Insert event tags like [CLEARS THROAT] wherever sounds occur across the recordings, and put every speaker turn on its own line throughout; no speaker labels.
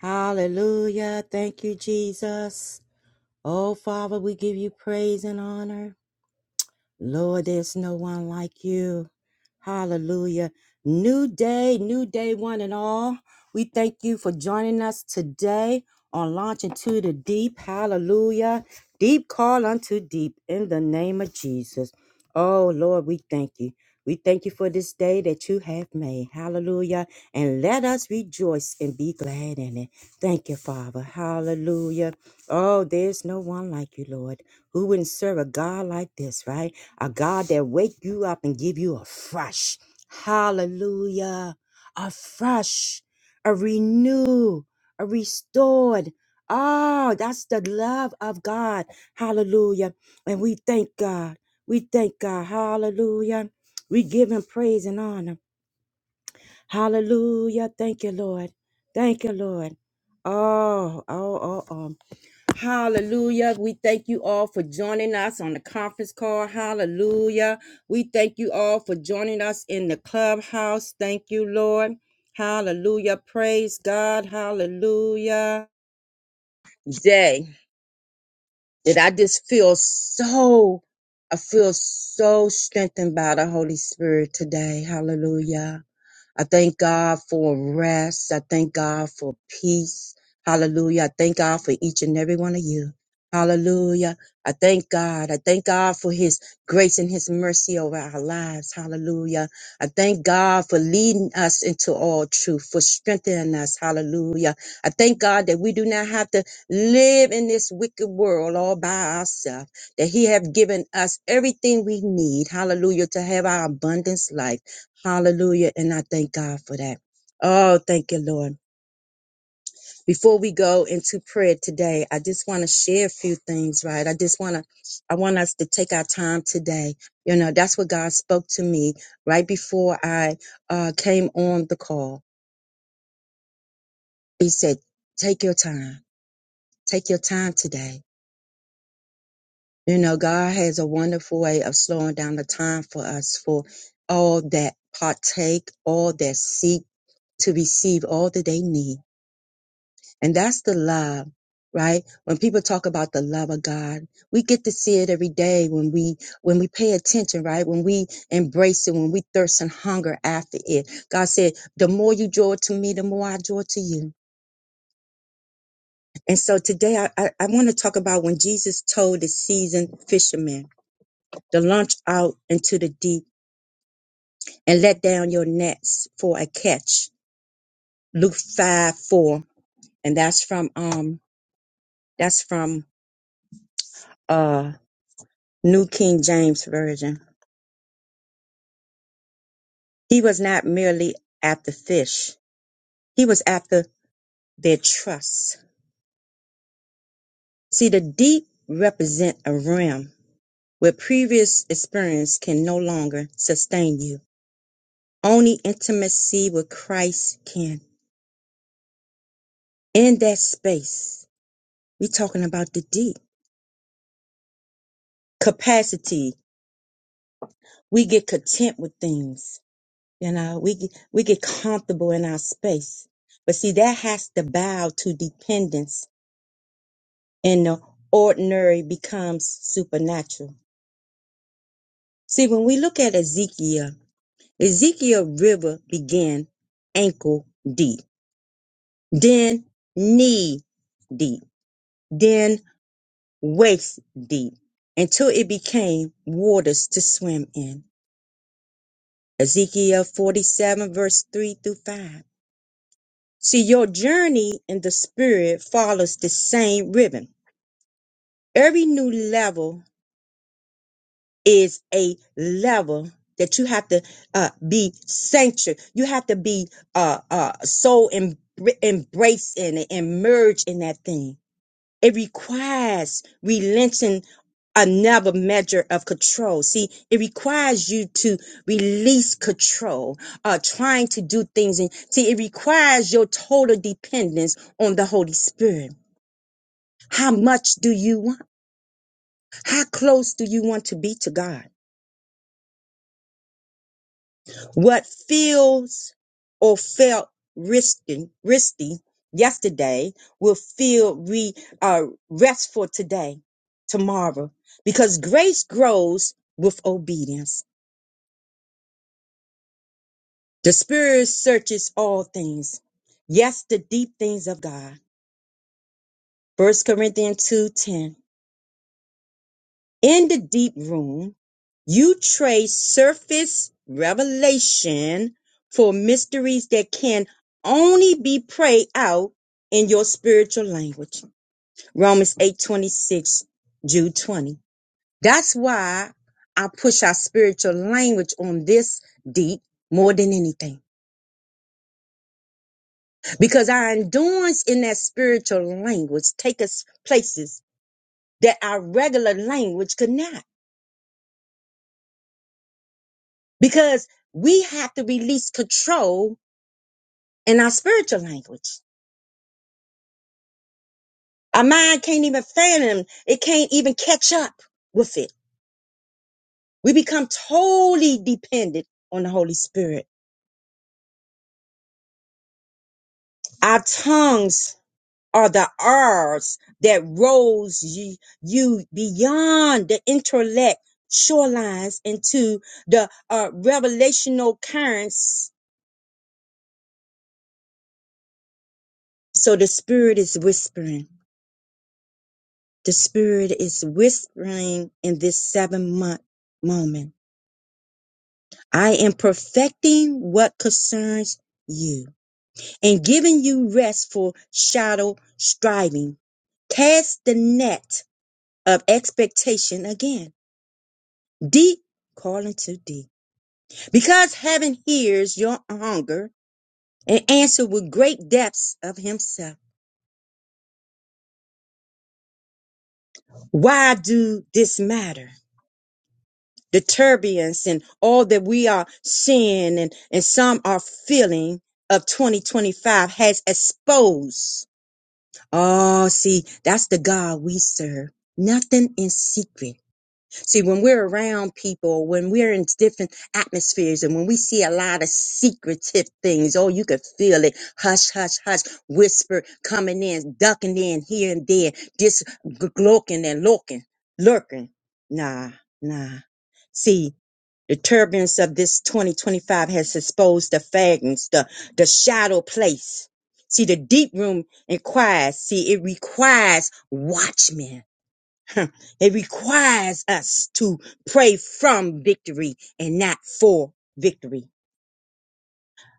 Hallelujah. Thank you, Jesus. Oh, Father, we give you praise and honor. Lord, there's no one like you. Hallelujah. New day, new day, one and all. We thank you for joining us today on Launching into the Deep. Hallelujah. Deep call unto deep in the name of Jesus. Oh, Lord, we thank you. We thank you for this day that you have made. Hallelujah. And let us rejoice and be glad in it. Thank you, Father. Hallelujah. Oh, there's no one like you, Lord. Who wouldn't serve a God like this, right? A God that wake you up and give you a fresh, hallelujah, a fresh, a renew, a restored. Oh, that's the love of God. Hallelujah. And we thank God. We thank God. Hallelujah. We give him praise and honor. Hallelujah. Thank you, Lord. Thank you, Lord. Oh, oh, oh, oh. Hallelujah. We thank you all for joining us on the conference call. Hallelujah. We thank you all for joining us in the clubhouse. Thank you, Lord. Hallelujah. Praise God. Hallelujah. Jay, did I just feel so, I feel so strengthened by the Holy Spirit today. Hallelujah. I thank God for rest. I thank God for peace. Hallelujah. I thank God for each and every one of you. Hallelujah. I thank God. I thank God for his grace and his mercy over our lives. Hallelujah. I thank God for leading us into all truth, for strengthening us. Hallelujah. I thank God that we do not have to live in this wicked world all by ourselves, that he have given us everything we need. Hallelujah. To have our abundance life. Hallelujah. And I thank God for that. Oh, thank you, Lord. Before we go into prayer today, I just want to share a few things, right? I just want to, I want us to take our time today. You know, that's what God spoke to me right before I uh, came on the call. He said, take your time, take your time today. You know, God has a wonderful way of slowing down the time for us, for all that partake, all that seek to receive all that they need. And that's the love, right? When people talk about the love of God, we get to see it every day when we when we pay attention, right? When we embrace it, when we thirst and hunger after it. God said, the more you draw to me, the more I draw to you. And so today I, I, I want to talk about when Jesus told the seasoned fishermen to launch out into the deep and let down your nets for a catch. Luke 5 4. And that's from um that's from uh New King James Version. He was not merely after fish. He was after their trust. See, the deep represent a realm where previous experience can no longer sustain you. Only intimacy with Christ can. In that space, we are talking about the deep capacity. We get content with things. You know, we, get- we get comfortable in our space. But see, that has to bow to dependence and the ordinary becomes supernatural See, when we look at Ezekiel, Ezekiel river began ankle deep, then knee deep, then waist deep, until it became waters to swim in. Ezekiel 47 verse 3 through 5. See, your journey in the spirit follows the same ribbon. Every new level is a level that you have to uh, be sanctuary. You have to be uh, uh, so em- embraced in it and merge in that thing. It requires relenting another measure of control. See, it requires you to release control, uh, trying to do things. And see, it requires your total dependence on the Holy Spirit. How much do you want? How close do you want to be to God? What feels or felt risky, risky yesterday will feel re, uh, restful today, tomorrow, because grace grows with obedience. The Spirit searches all things. Yes, the deep things of God. First Corinthians 2:10. In the deep room, you trade surface revelation for mysteries that can only be prayed out in your spiritual language. Romans eight twenty six, 26, Jude 20. That's why I push our spiritual language on this deep more than anything. Because our endurance in that spiritual language take us places that our regular language could not. Because we have to release control in our spiritual language. Our mind can't even fathom, it can't even catch up with it. We become totally dependent on the Holy Spirit. Our tongues are the R's that rose you, you beyond the intellect shorelines into the uh, revelational currents. So the Spirit is whispering. The Spirit is whispering in this seven month moment I am perfecting what concerns you and giving you rest for shadow striving. Cast the net of expectation again, deep calling to deep. Because heaven hears your hunger and answer with great depths of himself. Why do this matter? The turbulence and all that we are seeing and, and some are feeling of 2025 has exposed Oh, see, that's the God we serve. Nothing in secret. See, when we're around people, when we're in different atmospheres, and when we see a lot of secretive things, oh, you can feel it. Hush, hush, hush, whisper coming in, ducking in here and there, just gloking and lurking, lurking. Nah, nah. See, the turbulence of this 2025 has exposed the fragments, the, the shadow place. See, the deep room inquires. See, it requires watchmen. Huh. It requires us to pray from victory and not for victory.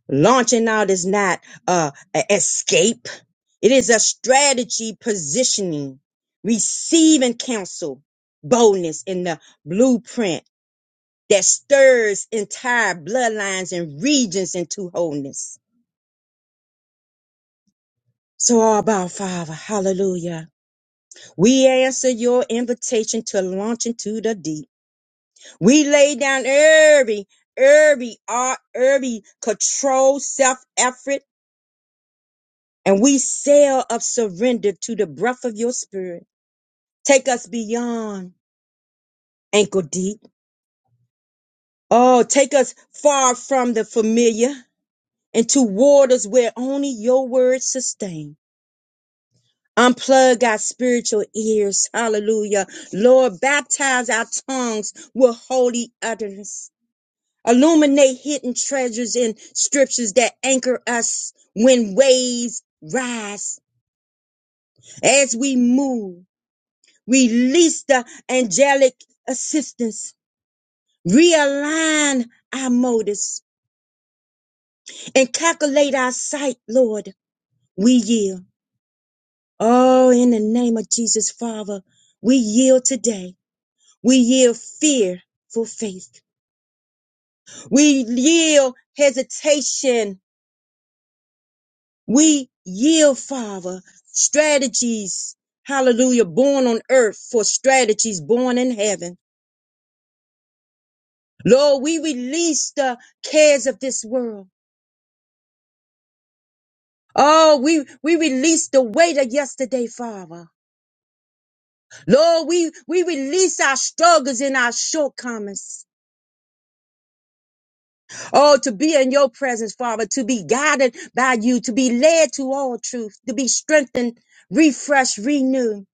Launching out is not uh, an escape. It is a strategy positioning, receiving counsel, boldness in the blueprint that stirs entire bloodlines and regions into wholeness. So, Abba Father, hallelujah. We answer your invitation to launch into the deep. We lay down every, every, uh, every control, self effort, and we sail up surrender to the breath of your spirit. Take us beyond ankle deep. Oh, take us far from the familiar into waters where only your word sustains. Unplug our spiritual ears. Hallelujah. Lord, baptize our tongues with holy utterance. Illuminate hidden treasures in scriptures that anchor us when waves rise. As we move, release the angelic assistance. Realign our motives and calculate our sight, Lord. We yield. Oh, in the name of Jesus, Father, we yield today. We yield fear for faith. We yield hesitation. We yield, Father, strategies. Hallelujah. Born on earth for strategies born in heaven. Lord, we release the cares of this world. Oh, we, we release the weight of yesterday, Father. Lord, we, we release our struggles and our shortcomings. Oh, to be in your presence, Father, to be guided by you, to be led to all truth, to be strengthened, refreshed, renewed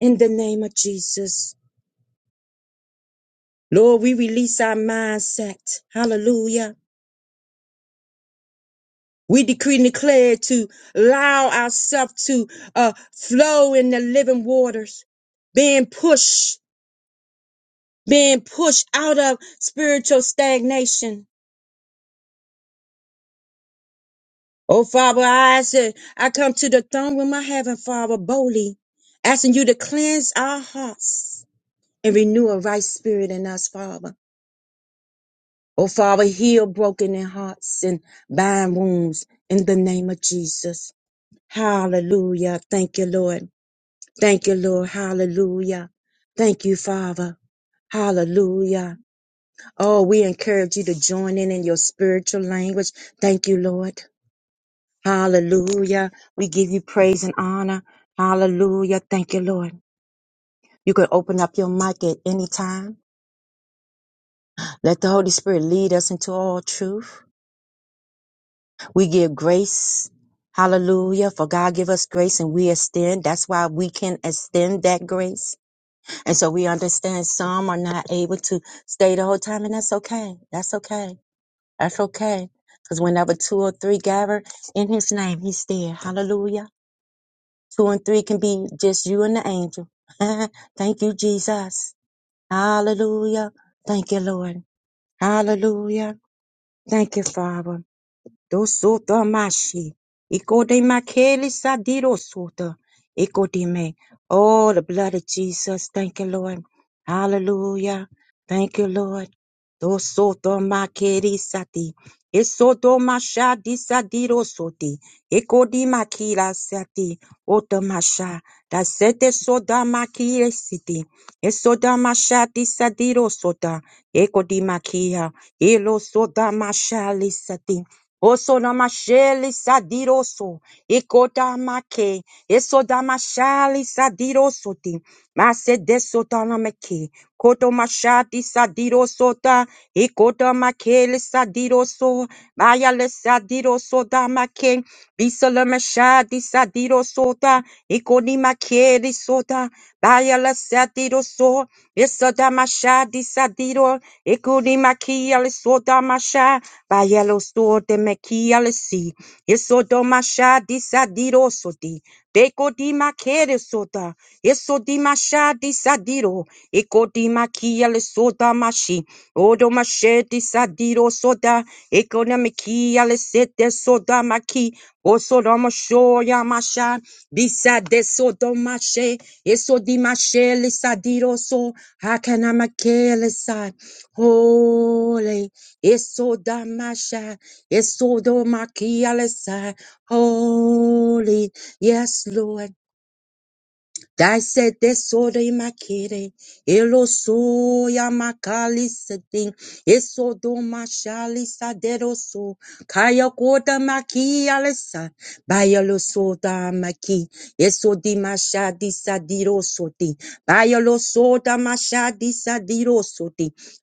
in the name of Jesus. Lord, we release our mindset. Hallelujah. We decree and declare to allow ourselves to uh, flow in the living waters, being pushed, being pushed out of spiritual stagnation Oh, Father, I ask that I come to the throne room of heaven, Father, boldly, asking you to cleanse our hearts and renew a right spirit in us, Father. Oh, Father, heal broken in hearts and bind wounds in the name of Jesus. Hallelujah. Thank you, Lord. Thank you, Lord. Hallelujah. Thank you, Father. Hallelujah. Oh, we encourage you to join in in your spiritual language. Thank you, Lord. Hallelujah. We give you praise and honor. Hallelujah. Thank you, Lord. You can open up your mic at any time. Let the Holy Spirit lead us into all truth. We give grace. Hallelujah. For God give us grace and we extend. That's why we can extend that grace. And so we understand some are not able to stay the whole time, and that's okay. That's okay. That's okay. Because whenever two or three gather in his name, he's there. Hallelujah. Two and three can be just you and the angel. [LAUGHS] Thank you, Jesus. Hallelujah. Thank you, Lord. Hallelujah. Thank you, Father do Dosota mashi. Ikodema keli sadiro sota. Ikodeme. Oh, the blood of Jesus. Thank you, Lord. Hallelujah. Thank you, Lord. do Dosota makeri sati. Isoto masha disadiro soti. Ikodima kila sati. Ota masha. Da sete soda makire siti. Isoda masha disadiro sota. Ikodima kia. Elo soda masha lisati. Oso namasheli sadiroso, ikota make, eso damashali sadirosoti, mase desotanamake, koto mashati sadirosota, ikota makeli sadiroso, maya le sadirosota make, bisala mashati sadirosota, ikoni makeli sota, baya le sadiroso, eso damashati sadiro, ikoni makia le sota masha. Ba yellow sword de mekialesi. Eso do masha disa diro soti. Beko di makere sota. Eso di masha disa diro. Eko di makiale soda mashi. Odo mashe disa soda. Eko na mekiale sete soda maki. Oso do masho ya masha. Bisa de sodo mashe. Eso di mashe lisa diro so. Hakana makele sa. Holy. Isodamasha, Isodomakialesa, holy, yes, Lord. Thy said this order makere, Elosoya makalisadin, Isodomashalisa deroso, Kayakota makialesa, Bayalosoda maki, Isodimasha disadiroso di, Bayalosoda masha disadiroso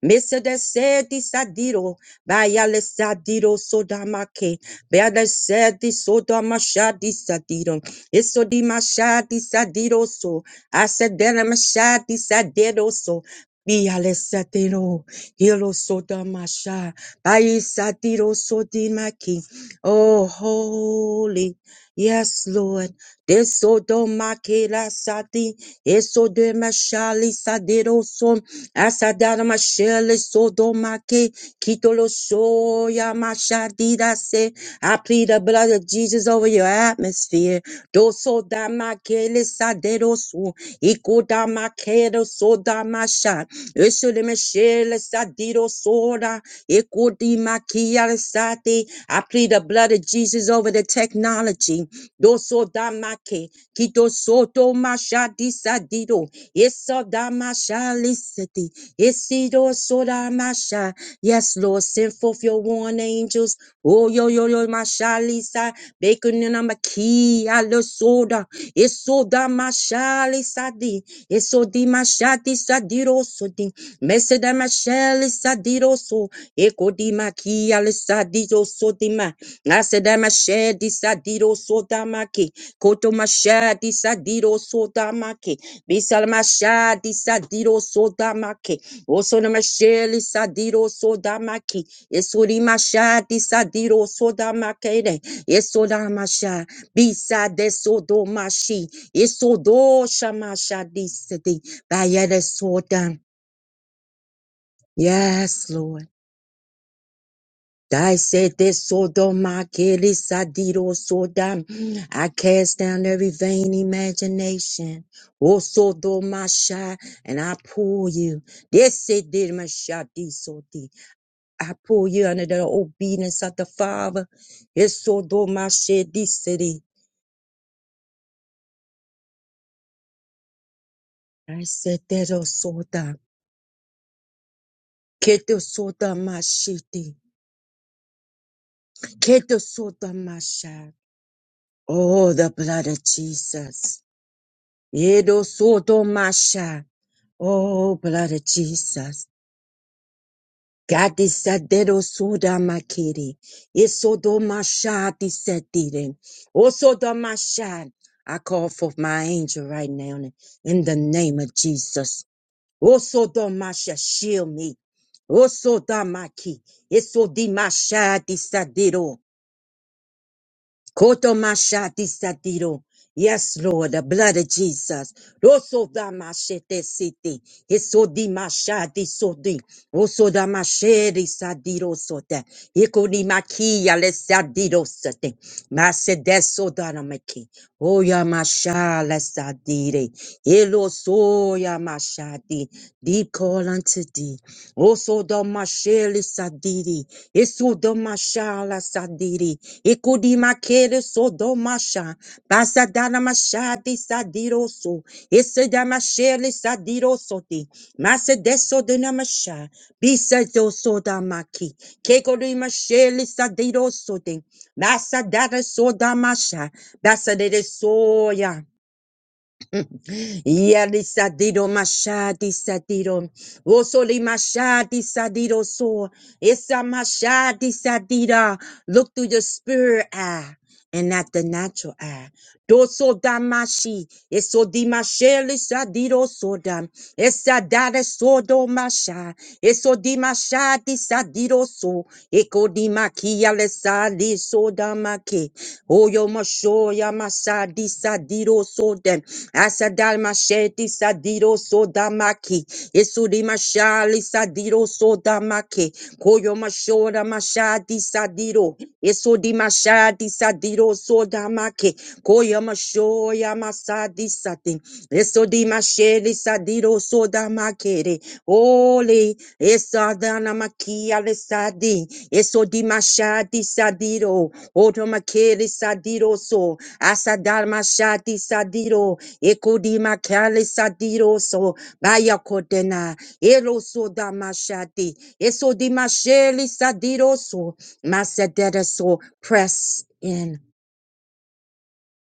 Mesa de se di sadiro, baya le sadiro sodamake, baya le se sodamasha di sadiro, eso di masha sadiro so, asedena masha di sadiro so, biale le sadiro, hilo sodamasha, baya sadiro sodimaki. Oh, holy, yes, Lord. Desodo makela sati, eso de mashali sadero son, asadara mashele sodo make, kitolo shoya mashadira se. I plead the blood of Jesus over your atmosphere. Doso da makele sadero son, ikoda makero soda masha, eso de mashele sadiro soda, ikodi makia sati. I plead the blood of Jesus over the technology doso damake kito soto masha disadido eso damasha lisati isido soda masha yes lord send forth your warring angels oh yo yo yo masha lisa bacon and a Sadi Alosoda Esoda Mashali Sadi Esodi Mashati Sadiro Sodi Meseda Mashali Sadiro So Ekodi Maki Alisadiro Sodima Naseda Mashedi Sadiro Sodamaki Koto Mashadi Sadiro Sodamaki Bisal Mashadi Sadiro Sodamaki Osoda Mashali Sadiro Sodamaki Esodi Mashadi Sadiro Sodamaki Yesodamasha. Bisa de sodo mashi, isodo shamasha disidi, bayere sodan. Yes, Lord. Thy said this sodo makiri sadiro sodam. I cast down every vain imagination. O sodo masha, and I pull you. This said masha disodi. I pull you under the obedience of the Father. Isodo mashi city. I said that o Keto soda mashiti. Keto soda masha. Oh, the blood of Jesus. Edo soda masha. Oh, blood of Jesus. God is Gati sadero soda makiri. Isodo masha di o soda masha. I call for my angel right now in the name of Jesus. o soda masha, shield me. o soda maki. Isodi masha di sadiro. Koto mashati satiro. Yes, Lord, the blood of Jesus. Roso da mashete siti. Eso di mashati sodi. Oso da masheri sadiro sote. Iko ni makia le sadiro sote. Masedeso da na maki. Oya masha le sadire. Elo soya mashati. Deep call unto thee. Oso domashele sadidi. Eso domashala sadidi. Ikudi makere so domasha. Basadana mashadi sadiroso. Ese damashele sadiroso di. Masedeso dinamasha. Bisedo sodamaki. Kekodi mashele sadiroso di. Masadara basa Basadere soya. Yadisadido mashadi sadido. Osoli mashadi sadido so. Esa mashadi sadida. Look through the spirit eye and not the natural eye. Doso damashi. Eso dimasheli sadido sodam. Esa dada sodo masha. Eso dimashadi sadido so. Eko dimakia le sadi sodamaki. Oyo masho ya masadi sadiro Soden Asadal Masheti Sadiro Sodamaki Isudi Mashali Sadiro Sodamaki Koyo Mashora Mashadi Sadiro Isudi Mashadi Sadiro Sodamaki Koyo masho ya Masadi Sadin Eso di sadiro soda makere. Ole, esadana makia le sadi. Eso di sadiro. Oto makele sadiro so. Asadar mashadi sadiro. Eko di makale sadiro so. Baya kodena. Elo soda mashadi. Eso di sadiro so. Masadere so. Press in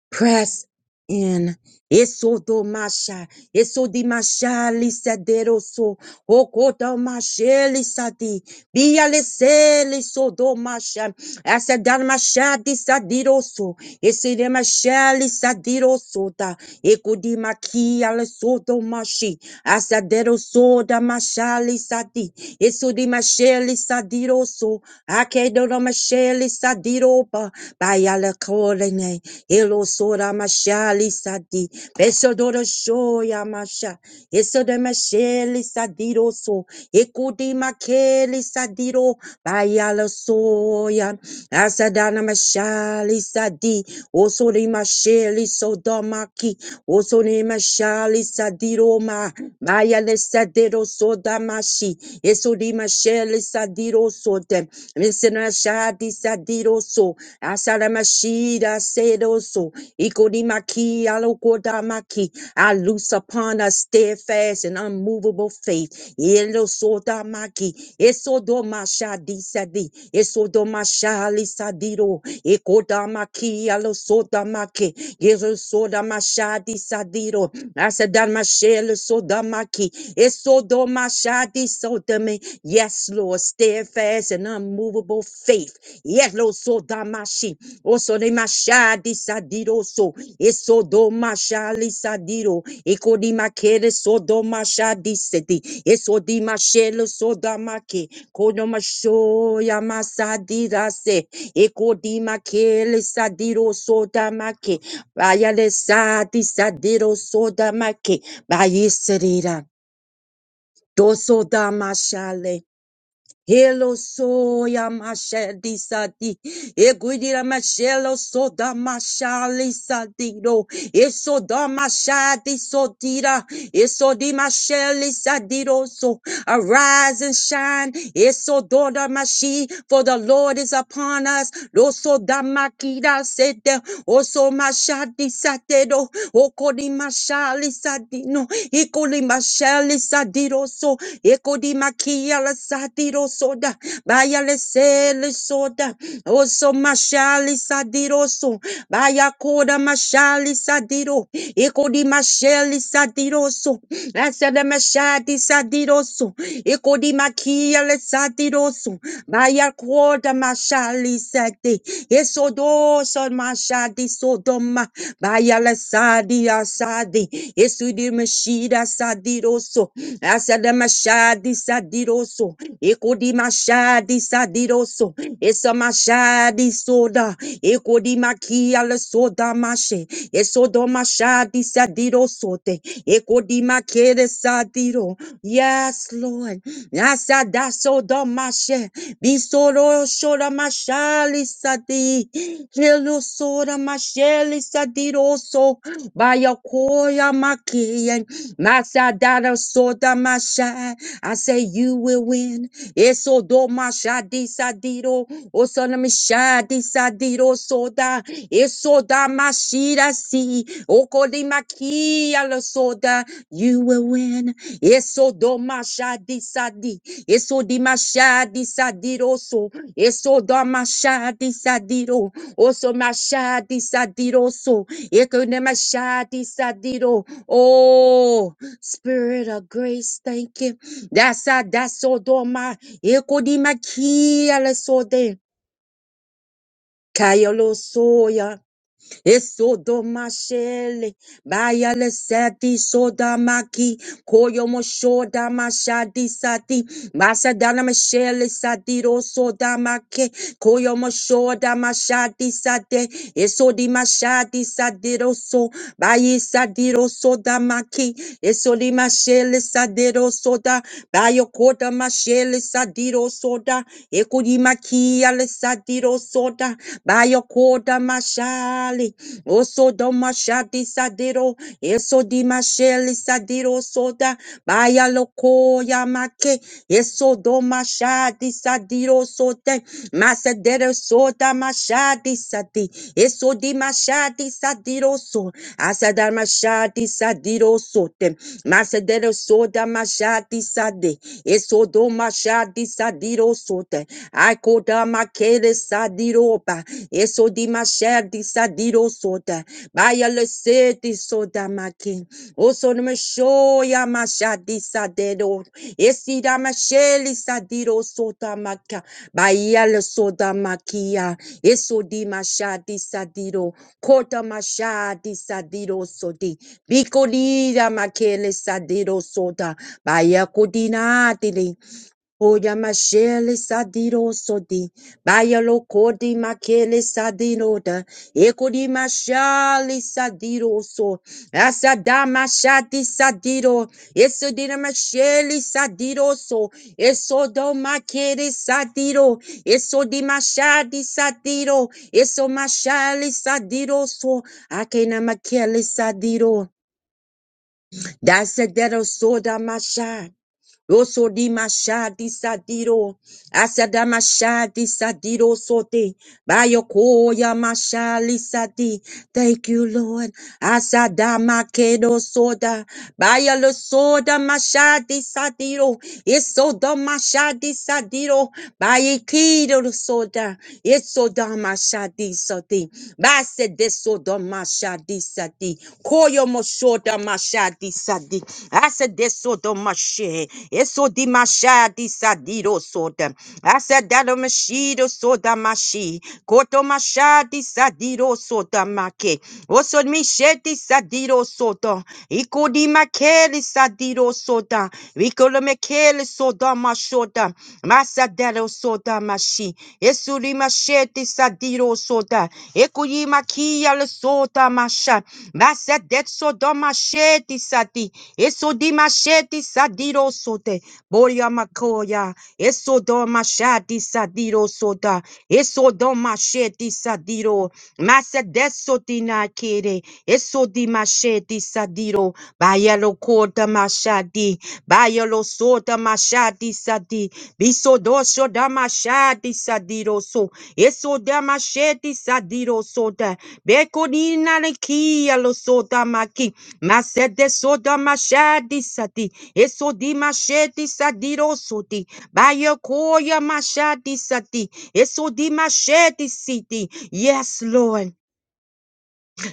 press in. Eso do masha, eso di masha lisa deroso, okoto masha lisa di, bia lise liso do masha, asa dan masha di sadiroso, ese de masha lisa diroso da, eko di makia liso do mashi, asa deroso da masha lisa di, eso di masha lisa diroso, ake do do masha lisa diroba, Bayala Korene, Elo Sora Mashali Sadi, Besodora Shoya Masha, Esoda Masheli Sadiro So, Ekudi Makeli Sadiro, Bayala Soya, Asadana Mashali Sadi, Osori Masheli Sodomaki, Osori Mashali Sadiroma, Bayala Sadiro Sodamashi, Esodi Masheli sadiro sote. Misena shadi sadiro so. Asaramashida sedo so. Ikodimaki alokodamaki. I loose upon us steadfast and unmovable faith. Yelo soda maki. Esodo mashadi sadi. Esodo mashali sadiro. Ekodamaki alo soda maki. Yezo soda mashadi sadiro. Asadamashele sodamaki, esodomashadi sodome. Yes, Lord, steadfast and unmovable faith. Yes, Lord, sodamashi, osodemashadi sadiroso, esodomashali sadiro, ekodimakere sodomashadi sedi, esodimashelo sodamaki, kodomashoya masadirase, ekodimakele sadiro sodamaki, Bayalesa disadero soda make bayeserera doso da mashale Hello soya masha sadi egudira mashelo soda mashali sadiro eso da mashadi sodira eso di masheli sadiro so arise and shine eso doda mashi for the Lord is upon us loso da makida sete oso mashadi satero okodi mashali sadino, eko di mashali sadiroso, eko di makia la sadiroso da, baya le se le soda, oso mashali sadiroso, baya koda mashali sadiro, eko di mashali sadiroso, asa de mashadi sadiroso, eko di makia le sadiroso, baya koda mashali sadi, Esodo Sarmashadi Sodoma Bayala Sadi Asadi Esudi Mashida Sadiroso Asada Mashadi Sadiroso Ekodi Mashadi Sadiroso Esamashadi Soda Ekodi Makia La Soda Mashe Esodo Mashadi Sadirosote Ekodi Makere Sadiro Yes Lord Yasadaso domashe. Bisoro shora mashali sadi. Hilo sora masheli sadiroso. Bayakoya makiyen. Masadara soda masha. I say you will win. Eso domashadi sadiro. Sonamishadi Sadiro Soda, Isoda Mashida Si, Okodimakia Lo Soda, you will win. Isodo Mashadi Sadi, Isodi Mashadi Sadiro So, Isoda Mashadi Sadiro, Oso Mashadi Sadiro So, Ekonemashadi Sadiro. Oh, Spirit of grace, thank you. That's a that's Sodoma. Ekodimakia Lo Soda. Kayalo soya, esodo mashele, bayale sati soda maki, koyo moshoda mashadi sati, Masadana Michelle Sadiro Sodamake Koyo Moshoda Mashadi Sade Esodi Mashadi Sadiro So Bayi Sadiro Sodamaki Esodi Mashele Sadiro Soda Bayo Koda Mashele Sadiro Soda Ekodi Makia Le Sadiro Soda Bayo Mashali Osodo Mashadi Sadiro Esodi Mashele Sadiro Soda Baya loko ya make eso do mashadi sadiro sote masadero soda mashadi sadi eso di mashadi sadiro so asadar mashadi sadiro sote masadero soda mashadi sade eso do mashadi sadiro sote akoda makere sadiro ba eso di mashadi sadiro sote baya le sedi soda make Osonomashoya mashadisa dedo. Esida masheli sadiro sota maka. Bayala soda makia. Esodi mashadi sadiro. Kota mashadi sadiro sodi. Bikodida makele sadiro soda. Bayakodina dili. Oya mashele sadiro sodi, bayalo kodi makele sadiro da, ekodi mashali sadiro so, asada mashati sadiro, esodina mashele sadiro so, esodo makere sadiro, esodi mashadi sadiro, eso mashali sadiro so, akena makele sadiro, dasadero soda mashai. Oso di mashadi sadiro. Asada mashadi sadiro sote. Bayokoya mashali sadi, Thank you, Lord. Asada makedo soda. Bayalo soda mashadi sadiro. Isoda mashadi sadiro. Bayikido soda. Isoda mashadi sadi. Basede soda mashadi sadi. Koyo moshoda mashadi sadi. Asede soda mashe. Isodi mashadi sadiro soda. Asada mashido soda shi koto mashadi sadiro sota make oso misheti sadiro sota ikodi makeli sadiro sota vikolo mekeli soda mashota masadero soda mashi esuri masheti sadiro sota ekuyi makia le sota masha masadet soda masheti sati esodi masheti sadiro sote boria makoya Esodo mashadi sadiro soda. Eso don machete sadiro. Masa desotina kere. Eso di machete sadiro. Bayalo kota machadi. Bayalo sota machadi sadi. Biso dosho da machadi sadiro so. Eso da machete sadiro sota. Beko nina le kia lo sota maki. Masa desoda machadi sadi. Eso di machete sadiro soti. Bayokoya mashadi sati. Esodi mashedi siti. Yes, Lord.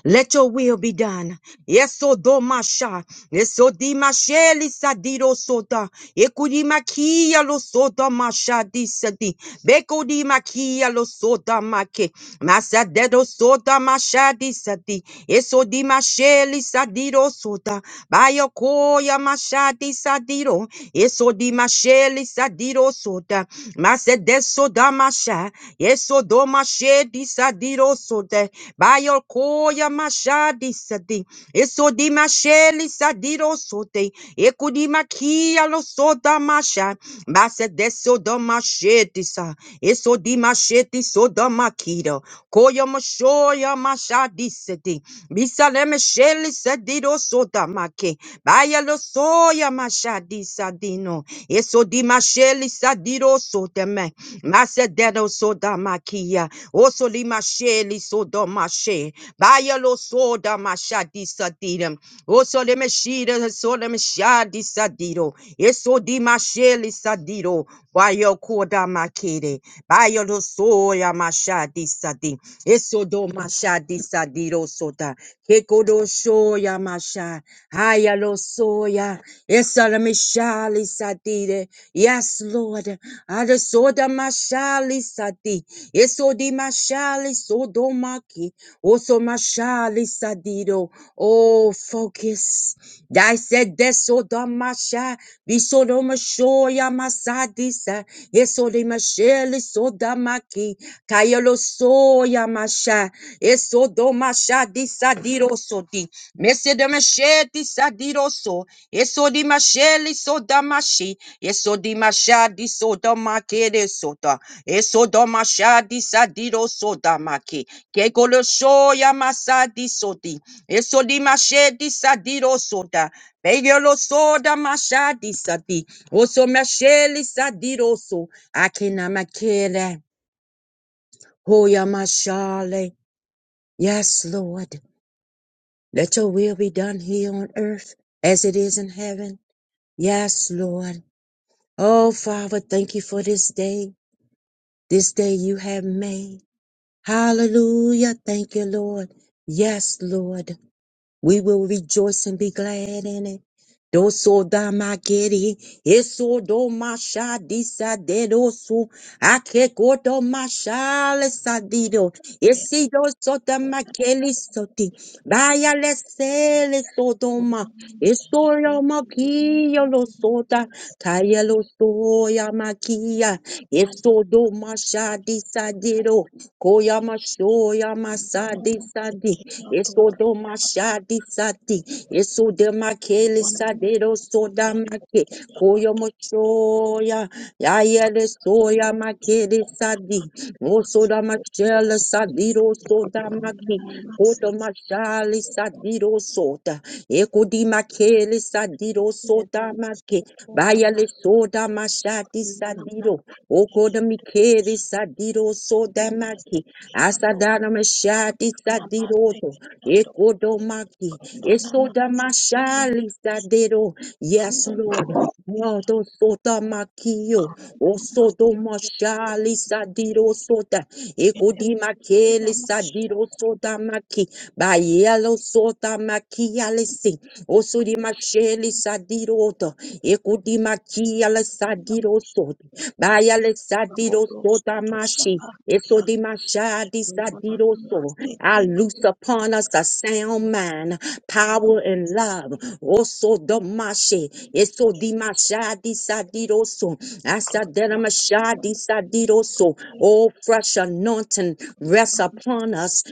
Let your will be done. Yes, odo masha. Esodi masheli sadiro soda. Ekudi makia lo soda mashadi sati. Bekodi makia lo soda make. Masadedo soda mashadi sati. Esodi masheli sadiro soda. Bayokoya mashadi sadiro. Eso di masheli sadiro soda. Masedeso da masha. Eso do mashedi sadiro soda. Bayokoya mashadi sadi. Esodima sheli sadiro sote. Ekudima kia lo soda masha. Basa de soda masheti sa. Esodima sheti soda makira. Koya mashoya masha diseti. Bisa leme sheli sadiro soda make. Baya lo soya masha disadino. Esodima sheli sadiro sote me. Masa dedo soda makia. Osolima sheli soda mashe. Bayalo soda masha disadidem. Oso le meshida so le mesha disadido. Eso di masheli sadido. Bayo koda makede. Bayalo soya masha disadi. Eso do masha disadido soda. Kekodo shoya masha. Hayalo soya. Esa le meshali sadide. Yes, Lord. Ada soda mashali sadi. Eso di mashali sodomaki. Oso mashali sadido. Oh, focus. I said deso damasha. Biso do mashoya masadisa. Eso de masheli so da damaki. Kayelo soya masha. Eso do masha disadido sodi. Mese de masheti sadiro so. Eso di masheli so da damashi. Eso di mashadi so da. damakere sota. Eso do mashadi sadiro so damaki. Kekolo soya masadi sodi. Esodi mashedi sadiro soda. Peyolo soda mashadi sadi. Oso masheli sadiro so. Akina makele. Hoya mashale. Yes, Lord. Let your will be done here on earth as it is in heaven. Yes, Lord. Oh, Father, thank you for this day. This day you have made. Hallelujah. Thank you, Lord. Yes, Lord. We will rejoice and be glad in it. Doso damageri, eso domasha disadedoso, akekoto mashale sadido, esi doso damakeli soti, vaya lesele sodoma, eso yomakiyo lo soda, kaya lo soya makia, eso domasha disadedo, koya mashoya masadi Eso do mashadi sati. Eso de makele sadero soda make. Koyo mochoya. Yayele soya makele sadi. Oso da machele sadiro soda maki. Koto mashali sadiro soda. Eko di makele sadiro soda make. Bayale soda mashadi sadiro. Oko de mikele sadiro soda maki. Asadana mashadi sadiroto. Ekodomaki. Esodamashali sadero. Yes, Lord. Moto sota makio. Osodo mashali sadiro sota. Ekodima keli sadiro sota maki. Bayelo sota makialesi. Osodima sheli sadiroto. Ekodima kiala sadiro sota. Bayalexadiro sotamashi. Esodimashadi sadiroso. I loose upon us a sound mind, power and love. Oso domashe. Esodimashadi sadiroso. Asaderamashadi sadiroso. Oh, fresh anointing rests upon us.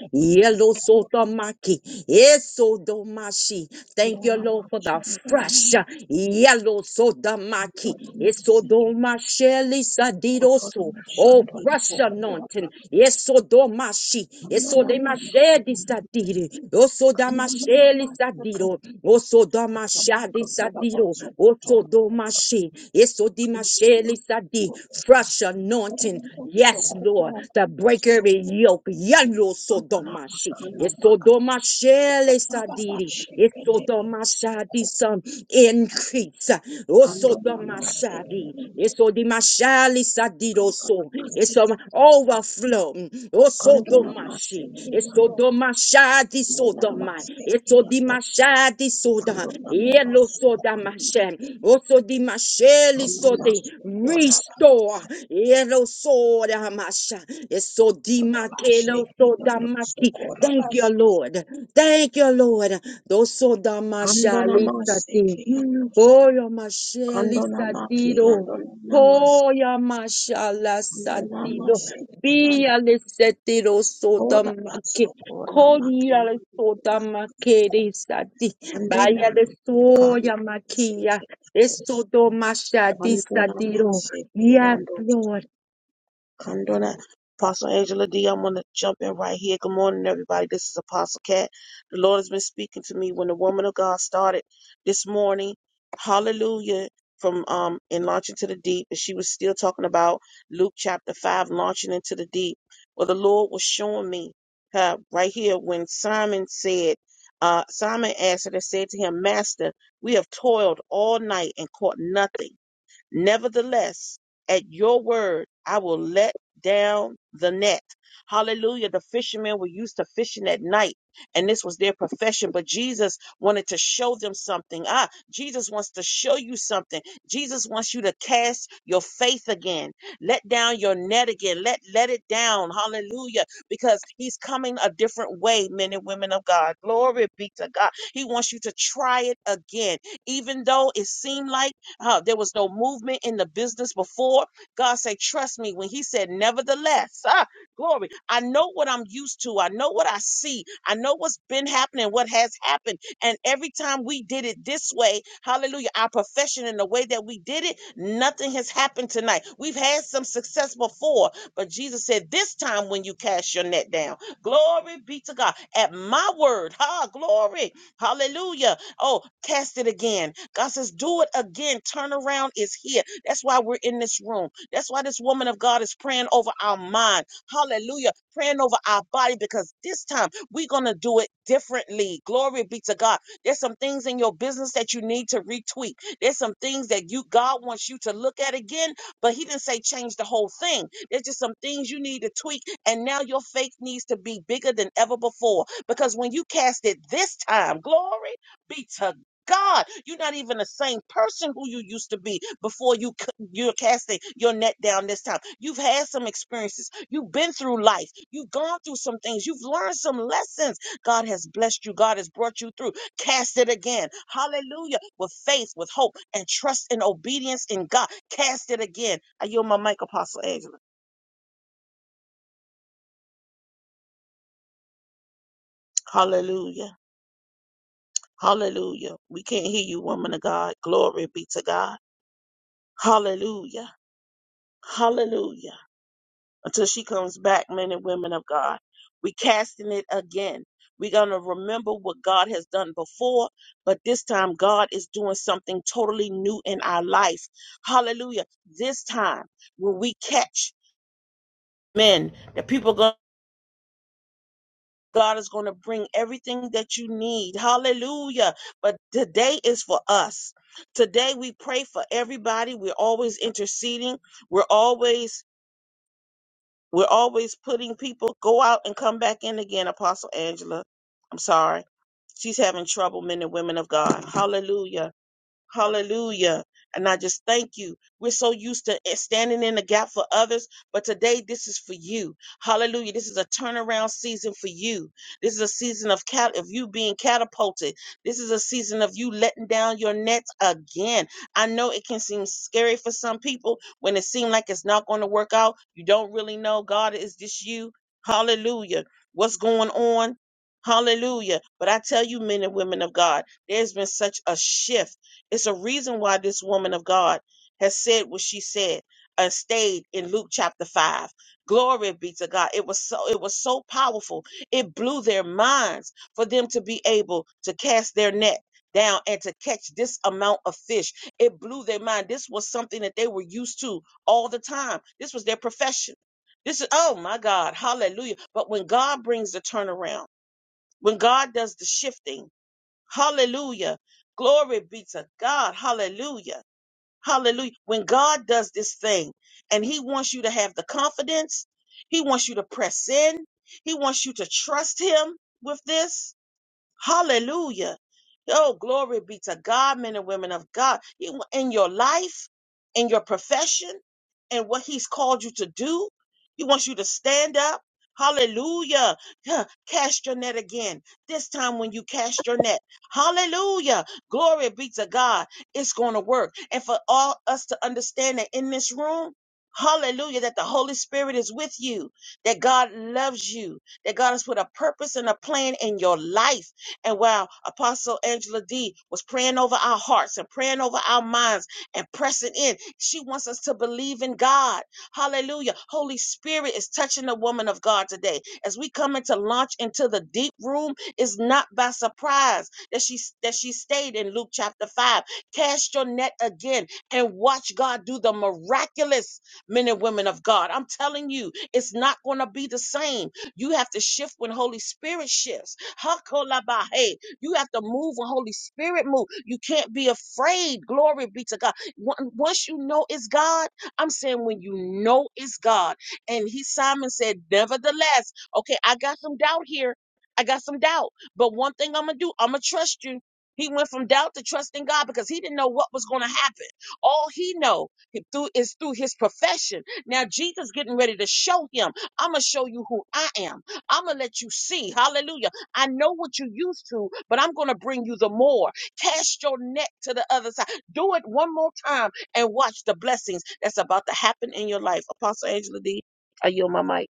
Esodomaki, Esodomashi. Thank you, Lord, for the fresh uh, yellow sodomaki. Esodomasheli sadidoso. Oh, fresh anointing. Esodomashi. Esodemashedi sadiri. Osodamasheli sadiro. Osodamashadi sadiro. So mashi. Esodi mashe lisadi. Fresh anointing. Yes, Lord. The break every yoke. Yalo sodomashi. Esodomashe lisadiri. Esodomashadi some increase. Osodomashadi. Esodimashali sadiroso. It's overflow. O sodomashi, esodomashadi sodoma, esodimashadi soda, yellow sodamashem, osodimasheli sodi, restore, yellow sodamasha, esodimakelo sodamaki. Thank you, Lord. Thank you, Lord. Those sodamashali sati, oh, your masheli satido. Oh, Yamashala Via le sette lo sodamake, coria le sodamake de sati, baya le soya makia, le sodomashadi sadiro. Yes,
Hallelujah. The fishermen were used to fishing at night, and this was their profession. But Jesus wanted to show them something. Ah, Jesus wants to show you something. Jesus wants you to cast your faith again. Let down your net again. Let let it down. Hallelujah. Because he's coming a different way, men and women of God. Glory be to God. He wants you to try it again. Even though it seemed like uh, there was no movement in the business before, God said, trust me, when he said nevertheless, ah, Glory. I know what I'm used to. I know what I see. I know what's been happening, what has happened. And every time we did it this way, hallelujah, our profession and the way that we did it, nothing has happened tonight. We've had some success before, but Jesus said, This time when you cast your net down, glory be to God. At my word, ha, glory, hallelujah. Oh, cast it again. God says, Do it again. Turnaround is here. That's why we're in this room. That's why this woman of God is praying over our mind. Hallelujah. Praying over our body because this time we're going to do it differently. Glory be to God. There's some things in your business that you need to retweet. There's some things that you God wants you to look at again, but he didn't say change the whole thing. There's just some things you need to tweak and now your faith needs to be bigger than ever before because when you cast it this time, glory be to God. You're not even the same person who you used to be before you c- you're casting your net down this time. You've had some experiences. You've been through life. You've gone through some things. You've learned some lessons. God has blessed you. God has brought you through. Cast it again. Hallelujah. With faith, with hope, and trust and obedience in God. Cast it again. I yield my mic, Apostle Angela. Hallelujah. Hallelujah. We can't hear you, woman of God. Glory be to God. Hallelujah. Hallelujah. until she comes back, men and women of God. We casting it again. We're gonna remember what God has done before, but this time God is doing something totally new in our life. Hallelujah. This time when we catch men, the people go God is going to bring everything that you need. Hallelujah. But today is for us. Today we pray for everybody. We're always interceding. We're always We're always putting people go out and come back in again, Apostle Angela. I'm sorry. She's having trouble, men and women of God. Hallelujah. Hallelujah. And I just thank you. We're so used to it standing in the gap for others, but today this is for you. Hallelujah. This is a turnaround season for you. This is a season of cat of you being catapulted. This is a season of you letting down your nets again. I know it can seem scary for some people when it seems like it's not going to work out. You don't really know God is this you. Hallelujah. What's going on? Hallelujah. But I tell you, men and women of God, there's been such a shift it's a reason why this woman of God has said what she said and stayed in Luke chapter 5. Glory be to God. It was so it was so powerful. It blew their minds for them to be able to cast their net down and to catch this amount of fish. It blew their mind. This was something that they were used to all the time. This was their profession. This is oh my God. Hallelujah. But when God brings the turnaround, when God does the shifting, Hallelujah. Glory be to God. Hallelujah. Hallelujah. When God does this thing and He wants you to have the confidence, He wants you to press in, He wants you to trust Him with this. Hallelujah. Oh, glory be to God, men and women of God. You- In your life, in your profession, and what He's called you to do, He wants you to stand up. Hallelujah. Yeah, Cast your net again. This time when you cast your net. Hallelujah. Glory be to God. It's going to work. And for all us to understand that in this room, hallelujah, that the Holy Spirit is with you, that God loves you, that God has put a purpose and a plan in your life and while Apostle Angela D was praying over our hearts and praying over our minds and pressing in, she wants us to believe in God. Hallelujah. Holy Spirit is touching the woman of God today. As we come into launch into the deep room, it's not by surprise that she that she stayed in Luke chapter 5. Cast your net again and watch God do the miraculous men and women of God. I'm telling you, it's not going to be the same. You have to shift when Holy Spirit shifts. Hakolabahe. You have to move when Holy Spirit move. You can't be afraid. Glory be to God. One- Once you know it's God, I'm saying when you know it's God. And he Simon said, Nevertheless, okay, I got some doubt here. I got some doubt. But one thing I'm gonna do, I'm gonna trust you. He went from doubt to trusting God because he didn't know what was going to happen. All he know he- through is through his profession. Now Jesus getting ready to show him, I'm gonna show you who I am. I'm gonna let you see. Hallelujah. I know what you used to, but I'm going to bring you the more. Cast your net to the other side. Do it one more time and watch the blessings that's about to happen in your life. Apostle Angela D, I yield my mic.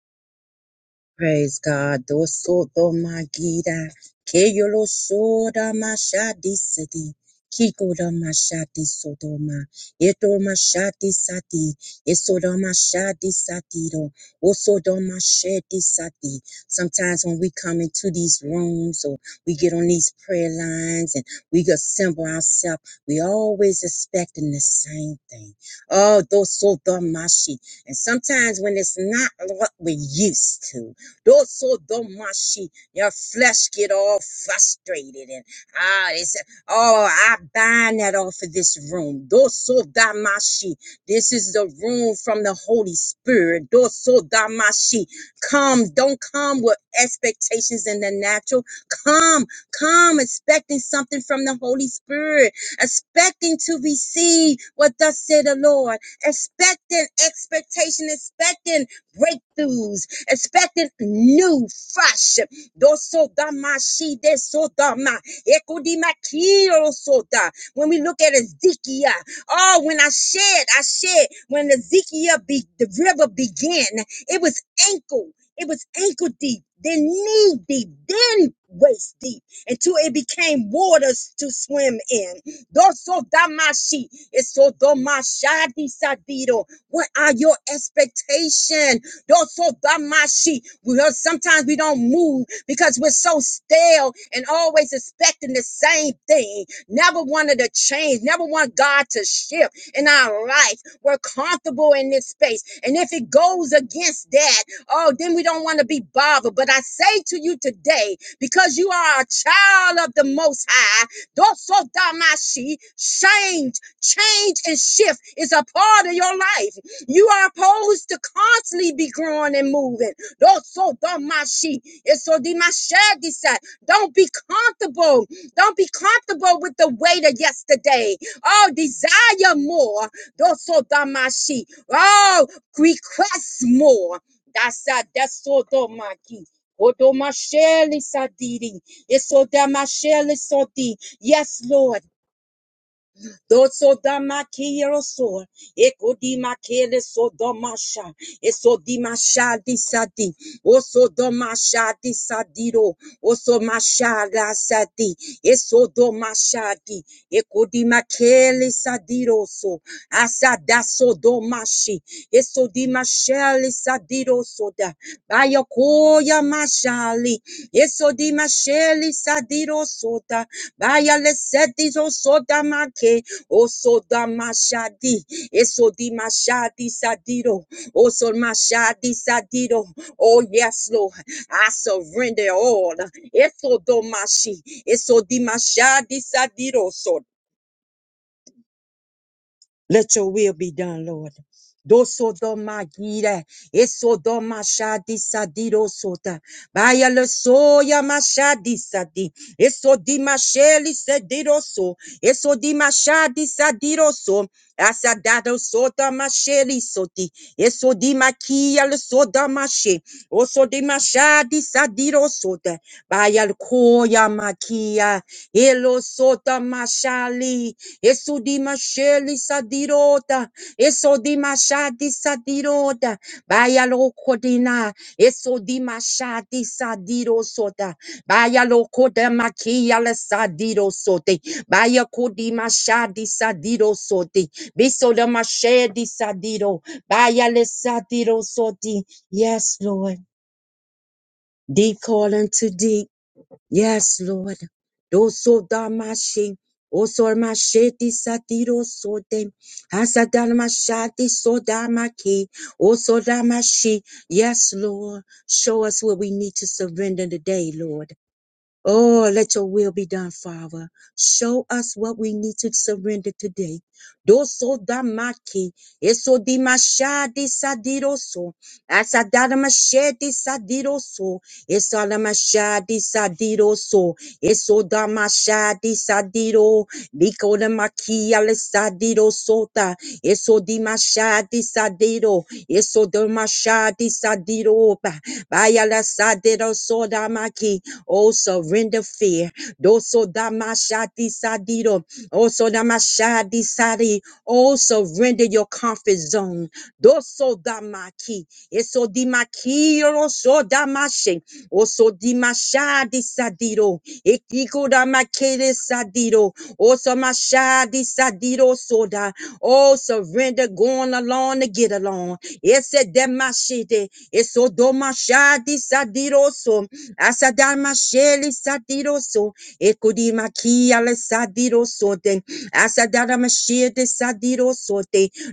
Praise God. Dosoto magida. Keyolo soda mashadi sidi. Kikoda mashadi sodoma. Eto mashadi sati. Esoda mashadi satiro. Osoda mashadi sati. Sometimes when we come into these rooms or we get on these prayer lines and we assemble ourselves, we always expecting the same thing. Oh, dosoto mashi. And sometimes when it's not what we're used to, Doso domashi. Your flesh get all frustrated and ah, it's oh, I bind that off of this room. Doso damashi. This is the room from the Holy Spirit. Doso damashi. Come, don't come with expectations in the natural. Come, come expecting something from the Holy Spirit, expecting to receive what thus said the Lord, expecting expectation, expecting breakthroughs expecting new, fresh. Dosodama, she desodama, ekodima kiro soda. When we look at Ezekiel, oh, when I shed, I shed. When Ezekiel, be, the river began, it was ankle. It was ankle deep, then knee deep, then waist deep, until it became waters to swim in. Dosodamashi, esodomashadi sadido. What are your expectations? Dosodamashi. We don't- Sometimes we don't move because we're so stale and always expecting the same thing. Never wanted to change, never want God to shift in our life. We're comfortable in this space. And if it goes against that, oh, then we don't want to be bothered. But I say to you today, because you are a child of the Most High, Dosodamashi, change, change and shift is a part of your life. You are supposed to constantly be growing and moving. Don't so dumb my sheep. It's so di- my shed decide. Don't be comfortable. Don't be comfortable with the weight of yesterday. Oh, desire more. Don't so dumb my sheep. Oh, request more. That's a that's so dumb my key. Odo mashele sadidi. It's so dumb my shele sodi. Yes, Lord. Doso dama kiyeroso. Eko dima kele so domasha. Eso dimasha disadi. Oso domasha disadiro. Oso masha la sadi. Eso domasha di. Eko dima kele sadiroso. Asadaso domashi. Eso dimasha le sadiroso da. Bayokoya mashali. Eso dimasha le sadiroso da. Baya le sedizo soda make. Osodamashadi, Esodimashadi Sadido, Osodamashadi sadiro. oso mashadi sadiro. Oh, yes, Lord, I surrender all. Esodomashi, Esodimashadi Sadido, let your will be done, Lord. Doso doma gire, eso doma shadi sadido sota. Baya le soya mashadi sadi, eso di masheli sedido so, eso di mashadi sadiroso. so. Asadado sota masheli soti, eso di makia le soda mashe, oso di mashadi sadido sota. Baya le koya makia. Elosota mashali, esudi masheli sadirota, esodi mashadi sadirota, baya lo kodina, esodi mashadi sadirosota, bayalo koda makiala sadirosote, bayakodi mashadi sadirosote, bisoda mashedi sadiro, baya le sadiro sadirosoti. Yes, Lord. Deep calling to deep. Yes, Lord. Doso damashi. Oso masheti satiro sote. Hasadanamashati sodamaki. Oso damashi. Yes, Lord. Show us what we need to surrender today, Lord. Oh, let your will be done, Father. Show us what we need to surrender today. Doso damaki. Eso dimashadi Asadamashedi sadiroso. Esalamashadi sadiroso. Esodamashadi sadiro. Likodamakia lesadirosota. Esodimashadi sadiro. Esodamashadi sadiro. Bayala sadirosodamaki. Oh, surrender fear. Doso damashadi sadiro. Oh, so damashadi sadi. Oh, surrender your comfort zone. Doso damaki. Eso dimaki yoro so damashe. Oso dimashadi sadiro. Ekikura makere sadiro. Oso mashadi sadiro soda. Oh, surrender going along to get along. Ese demashide. Eso domashadi sadiro so. Asadamasheli sadiro so. Ekudimaki ale sadiro so. den, Asadamashede sadiro so.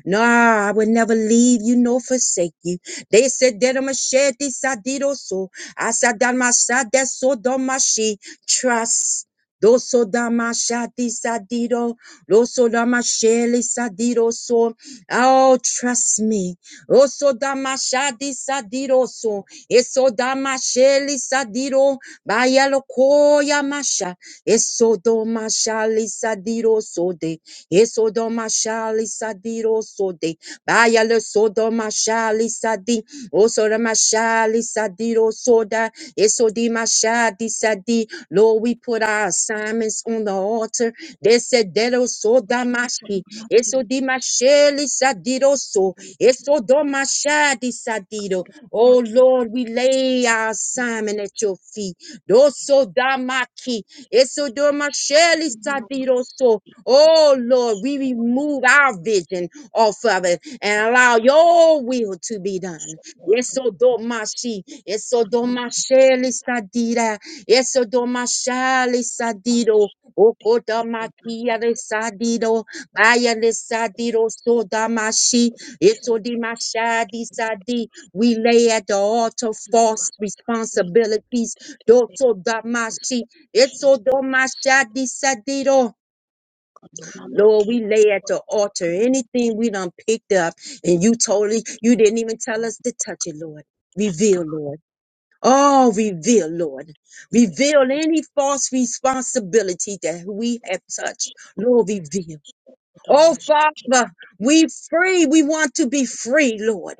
Nah, I would never leave you nor forsake you. They said that I'm a shed this I did also. I said that my sad that's so dumb my she trust. Doso dama shati sadido, doso dama sheli sadido so. Oh, trust me. Oso dama shati sadido so. Eso dama sheli sadido, bayalo koya masha. Eso doma shali sadido so de. Esodoma shali sadiro sode. Baya le sodoma shali sadi. Osorama shali sadiro soda. Esodima shadi sadi. Lord, we put our assignments on the altar. Desedero sodamashi. Esodima shali sadiro so. Esodoma shadi sadiro. Oh Lord, we lay our assignment at your feet. Dosodamaki. Esodoma shali sadiro so. Oh Lord, we remove our vision off of it and allow your will to be done. Eso domashi, eso domashele sadira, eso domashale sadido, okodamakia le sadido, baya le sadido so damashi, eso dimashadi sadi. We lay at the altar false responsibilities, doto damashi, eso domashadi sadido. Lord, we lay at the altar anything we done picked up and you totally, you didn't even tell us to touch it, Lord. Reveal, Lord. Oh, reveal, Lord. Reveal any false responsibility that we have touched. Lord, reveal. Oh, Father, we free. We want to be free, Lord.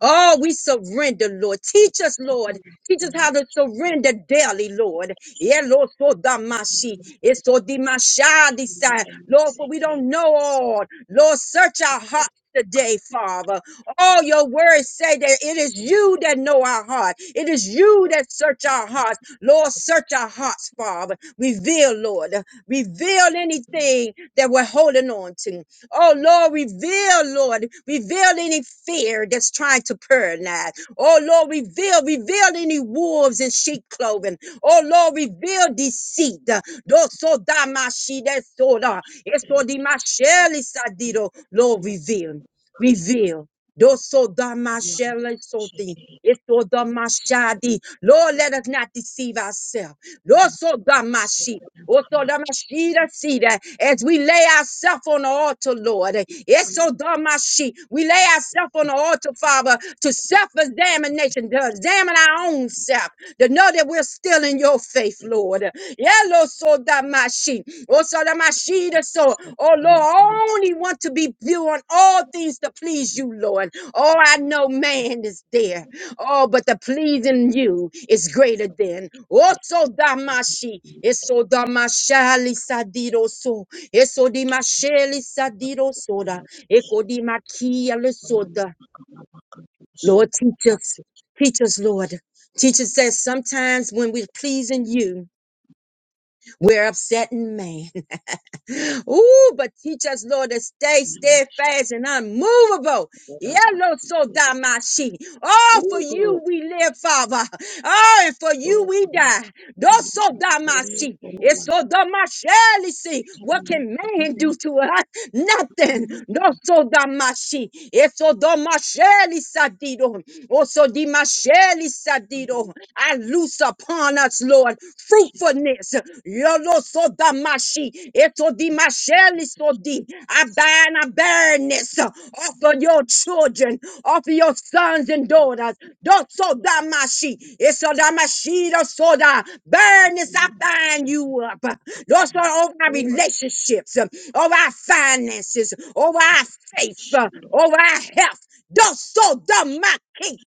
Oh, we surrender, Lord. Teach us, Lord. Teach us how to surrender daily, Lord. Yeah, Lord, so damashi. It's so dimashadi sign. Lord, for we don't know all. Lord, search our hearts today, Father. All your words say that it is you that know our heart. It is you that search our hearts. Lord, search our hearts, Father. Reveal, Lord. Reveal anything that we're holding on to. Oh Lord, reveal, Lord, reveal any fear that's trying to paralyze. Oh Lord, reveal, reveal any wolves in sheep clothing. Oh Lord, reveal deceit. Doso damashi Lord, reveal, reveal. Doso damasheli Lord, let us not deceive ourselves. Doso damashi. Otodamashira sira. As we lay ourselves on the altar, Lord. Esodamashi. We lay ourselves on the altar, Father, to self-examination, to examine our own self, to know that we're still in your faith, Lord. Yelosodamashi. Osodamashira so, oh Lord, I only want to be doing all things to please you, Lord. Oh, I know man is there. Oh, but the pleasing you is greater than. Oh, so damashi. Eso damashali sadiro so. Eso dimasheli sadiro soda. Eko dimakia le soda. Lord, teach us. Teach us, Lord. Teach us that sometimes when we're pleasing you, we're upsetting man. Ooh, but teach us, Lord, to stay steadfast and unmovable. Yellow so damashi. Oh, for you we live, Father. Oh, and for you we die. Doso damashi. It's so damashelisi. What can man do to us? Nothing. Doso damashi. It's so sadidon. Also dimasheli sadido. I loose upon us, Lord, fruitfulness. Yolosodamashi, etodimashalisodi. I bind a barrenness uh, off of your children, off of your sons and daughters. Don't Dosodamashi, esodamashida soda. Barrenness, I bind you up. Lord, Lord, over our relationships, um, over our finances, over our faith, uh, over our health. Don't Doso damaki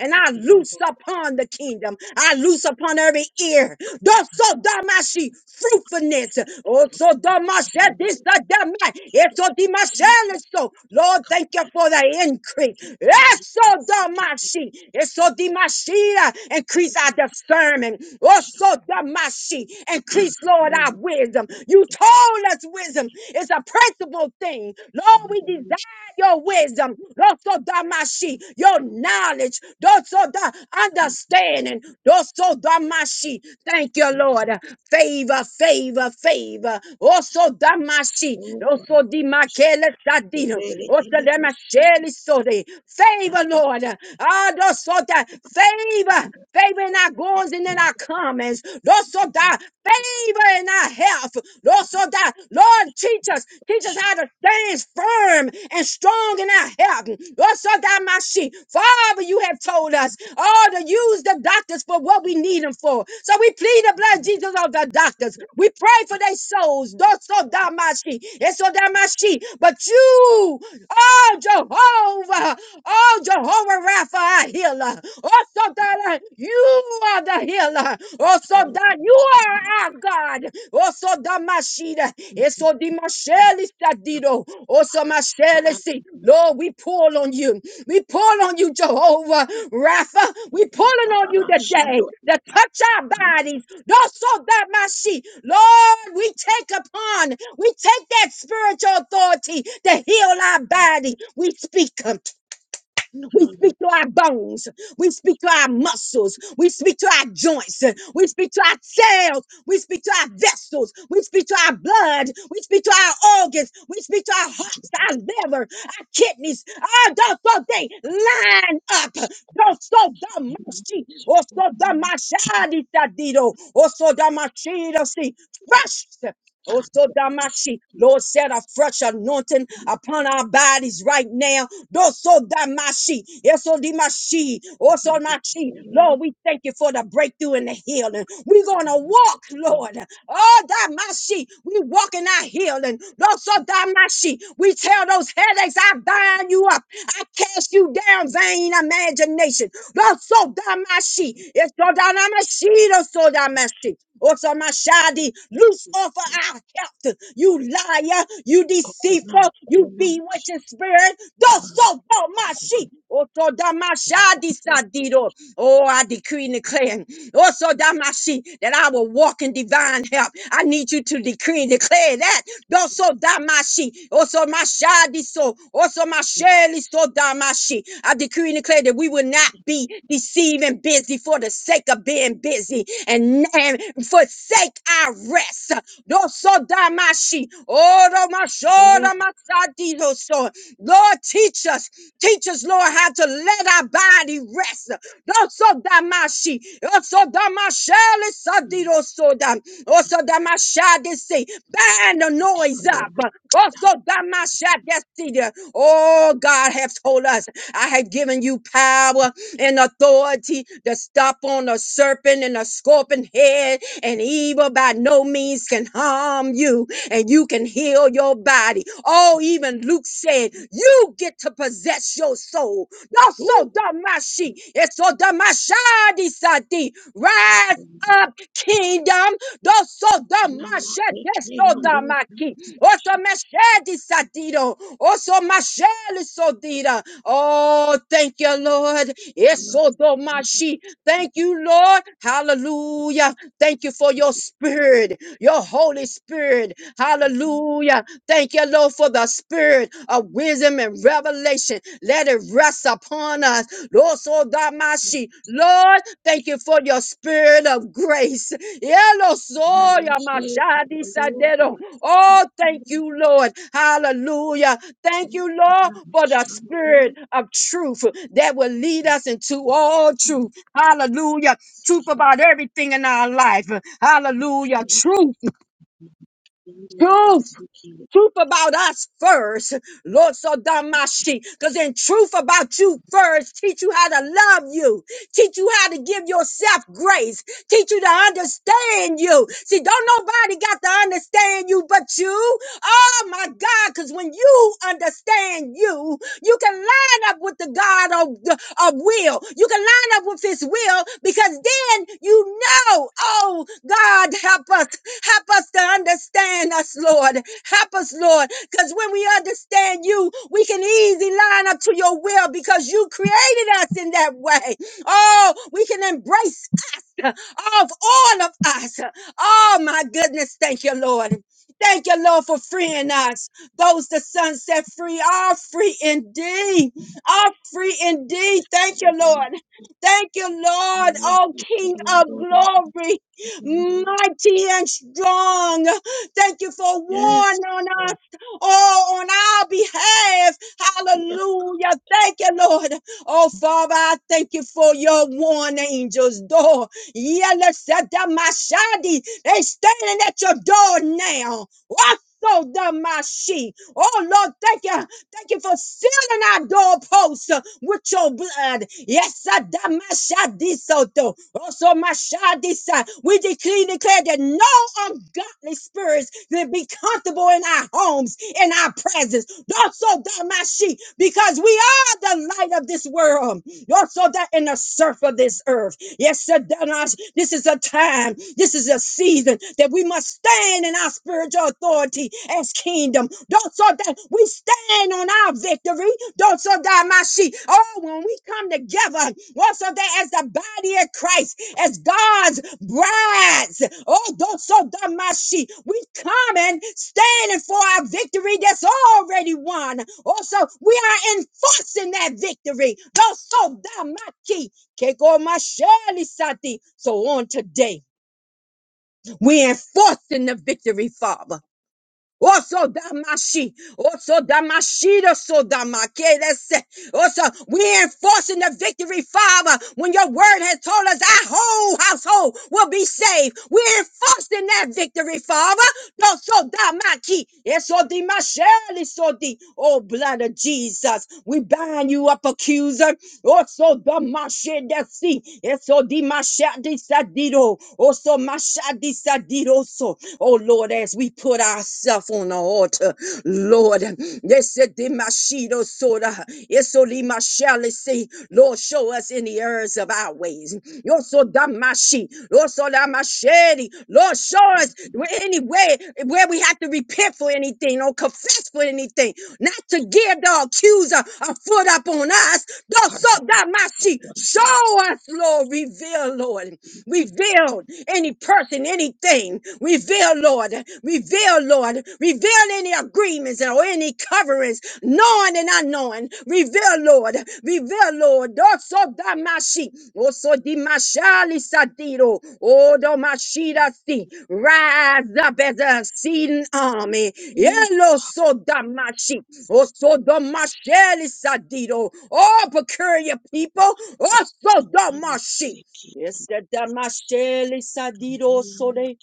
and I loose upon the kingdom. I loose upon every ear. Doso damashi fruitfulness. Also damashe this the damai. Eso dimashe so. Lord, thank you for the increase. Eso damashi. Eso dimashira. Increase our discernment. Also damashi. Increase, Lord, our wisdom. You told us wisdom is a principal thing. Lord, we desire your wisdom, Dosodamashi, your knowledge, Dosoda understanding, Dosodamashi. Thank you, Lord. Favor, favor, favor. also Osodamashi, Osodimakele Sadino, Osodamashele Sode. Favor, Lord. Adosota, favor favor in our goings and in our comings. Lord, so that favor in our health. Lord, so that, Lord, teach us, teach us how to stand firm and strong in our health. Lord, so that my sheep. Father, you have told us all to use the doctors for what we need them for. So we plead the blood, of Jesus, of the doctors. We pray for their souls. Yosodamashi, Esodamashi. But you, oh Jehovah, oh Jehovah Rapha, our healer. Also that you are the healer. Also that you are our God. Also Damashida. Eso Dimasheli Sadido. Also Mashelesi. Lord, we pull on you. We pull on you, Jehovah Rapha. We pulling on you today to touch our bodies. Not so that my sheep. Lord, we take upon, we take that spiritual authority to heal our body. We speak. We speak to our bones. We speak to our muscles. We speak to our joints. We speak to our cells. We speak to our vessels. We speak to our blood. We speak to our organs. We speak to our hearts, our liver, our kidneys. All those so they line up. Those so the mercy. Or so the machadi sadido. Or so the machida see. Fresh. Oh so Damashi, Lord, set a fresh anointing upon our bodies right now. Do so Damashi, also Dimashi, oh so Mashi. Lord, we thank you for the breakthrough and the healing. We're gonna walk, Lord. Oh, Damashi, we walk in our healing. Do so Damashi, we tell those headaches, I bind you up. I cast you down, vain imagination. Do so Damashi, it's damashi, Damashi, so Damashi. Osamashadi, loose off of our health. You liar, you deceitful, you bewitching spirit. Thus so my sheep. Otodamashadi sadido. Oh, I decree and declare. Osodamashi, that I will walk in divine divine help. I need you to decree and declare that. Also damashi, also mashadi so, also masheli so damashi. I decree and declare that we will not be deceived and busy for the sake of being busy and, and forsake our rest. Also damashi, oro mashora masadi so. Lord, teach us, teach us, Lord, how to let our body rest. Also damashi, also damasheli sadido so also, Damashadesi, bind the noise up. Also, Damashadesi. Oh, God has told us, I have given you power and authority to stop on the serpent and the scorpion head, and evil by no means can harm you, and you can heal your body. Oh, even Luke said, You get to possess your soul. No, so Damashi, it's so Damashadi Sati. Rise up, kingdom. Dosodamashedesodamaki. Otomeshedisadido. Osomashelisodida. Oh, thank you, Lord. Esodomashi. Thank you, Lord. Hallelujah. Thank you for your spirit, your Holy Spirit. Hallelujah. Thank you, Lord, for the spirit of wisdom and revelation. Let it rest upon us. Lord, so that my sheep- Lord, thank you for your spirit of grace. Yellow soya mashadi sadero. Oh, thank you, Lord. Hallelujah. Thank you, Lord, for the spirit of truth that will lead us into all truth. Hallelujah. Truth about everything in our life. Hallelujah. Truth, truth truth about us first, Lord Sodamashi. Because in truth about you first, teach you how to love you, teach you how to give yourself grace, teach you to understand you. See, don't nobody got to understand you but you. Oh my God, because when you understand you, you can line up with the God of, of will. You can line up with his will because then you know, oh God, help us. Help us to understand us, Lord. Help us, Lord. Because when we understand you, we can easily line up to your will because you created us in that way. Oh, we can embrace of all of us. Oh my goodness, thank you, Lord. Thank you, Lord, for freeing us. Those the sun set free are free indeed. Are free indeed. Thank you, Lord. Thank you, Lord, oh King of glory, mighty and strong. Thank you for warning on us, oh, on our behalf. Hallelujah. Thank you, Lord. Oh, Father, I thank you for your warning angels, door. Yelesedamashadi. They standing at your door now. Also the mashi. Oh Lord, thank you. Thank you for sealing our doorposts uh, with your blood. Yes, Adamashadisoto. Also Mashadisa. We decree and declare that no ungodly spirits will be comfortable in our homes, in our presence. Also the Damashi, because we are the light of this world. Also that in the surf of this earth. Yes, sir, Danas, this is a time, this is a season that we must stand in our spiritual authority as kingdom. Don't so that we stand on our victory. Don't so that my sheep. Oh, when we come together, also that as the body of Christ, as God's brides. Oh, don't so that my sheep. We come and standing for our victory that's already won. Also, we are enforcing that victory. Don't so that my key. Kekoma sheli sati. So on today, we enforcing the victory, Father. Also damashi, also damashida, so damakelese. Also, we enforcing the victory, Father. When your word has told us our whole household will be saved, we enforcing that victory, Father. No, so damaki, eso dimasheli, so di. Oh, blood of Jesus, we bind you up, accuser also the mashe desi, eso di masha disadido, also masha disadido. So, oh Lord, as we put ourselves on the altar, Lord, yes, di mashido soda, eso di masha let's see, Lord, show us in the earth of our ways. Yosodamashi, Yosodamashe. Lord, show us any way where we have to repent for anything or confess for anything, not to give the accuser a foot up on us. Yosodamashi, Show us, Lord, reveal, Lord, reveal any person, anything. Reveal, Lord, reveal, Lord, reveal any agreements or any coverings knowing and unknowing. Reveal, Lord. Reveal, Lord. Also damashi. oso dimashali sadiro. Odo mashira si. Rise up as a seeding army. Yellow so damashi. oso domashali sadiro. Oh, peculiar people. oso damashi. Yes, the damashali sadiro sole.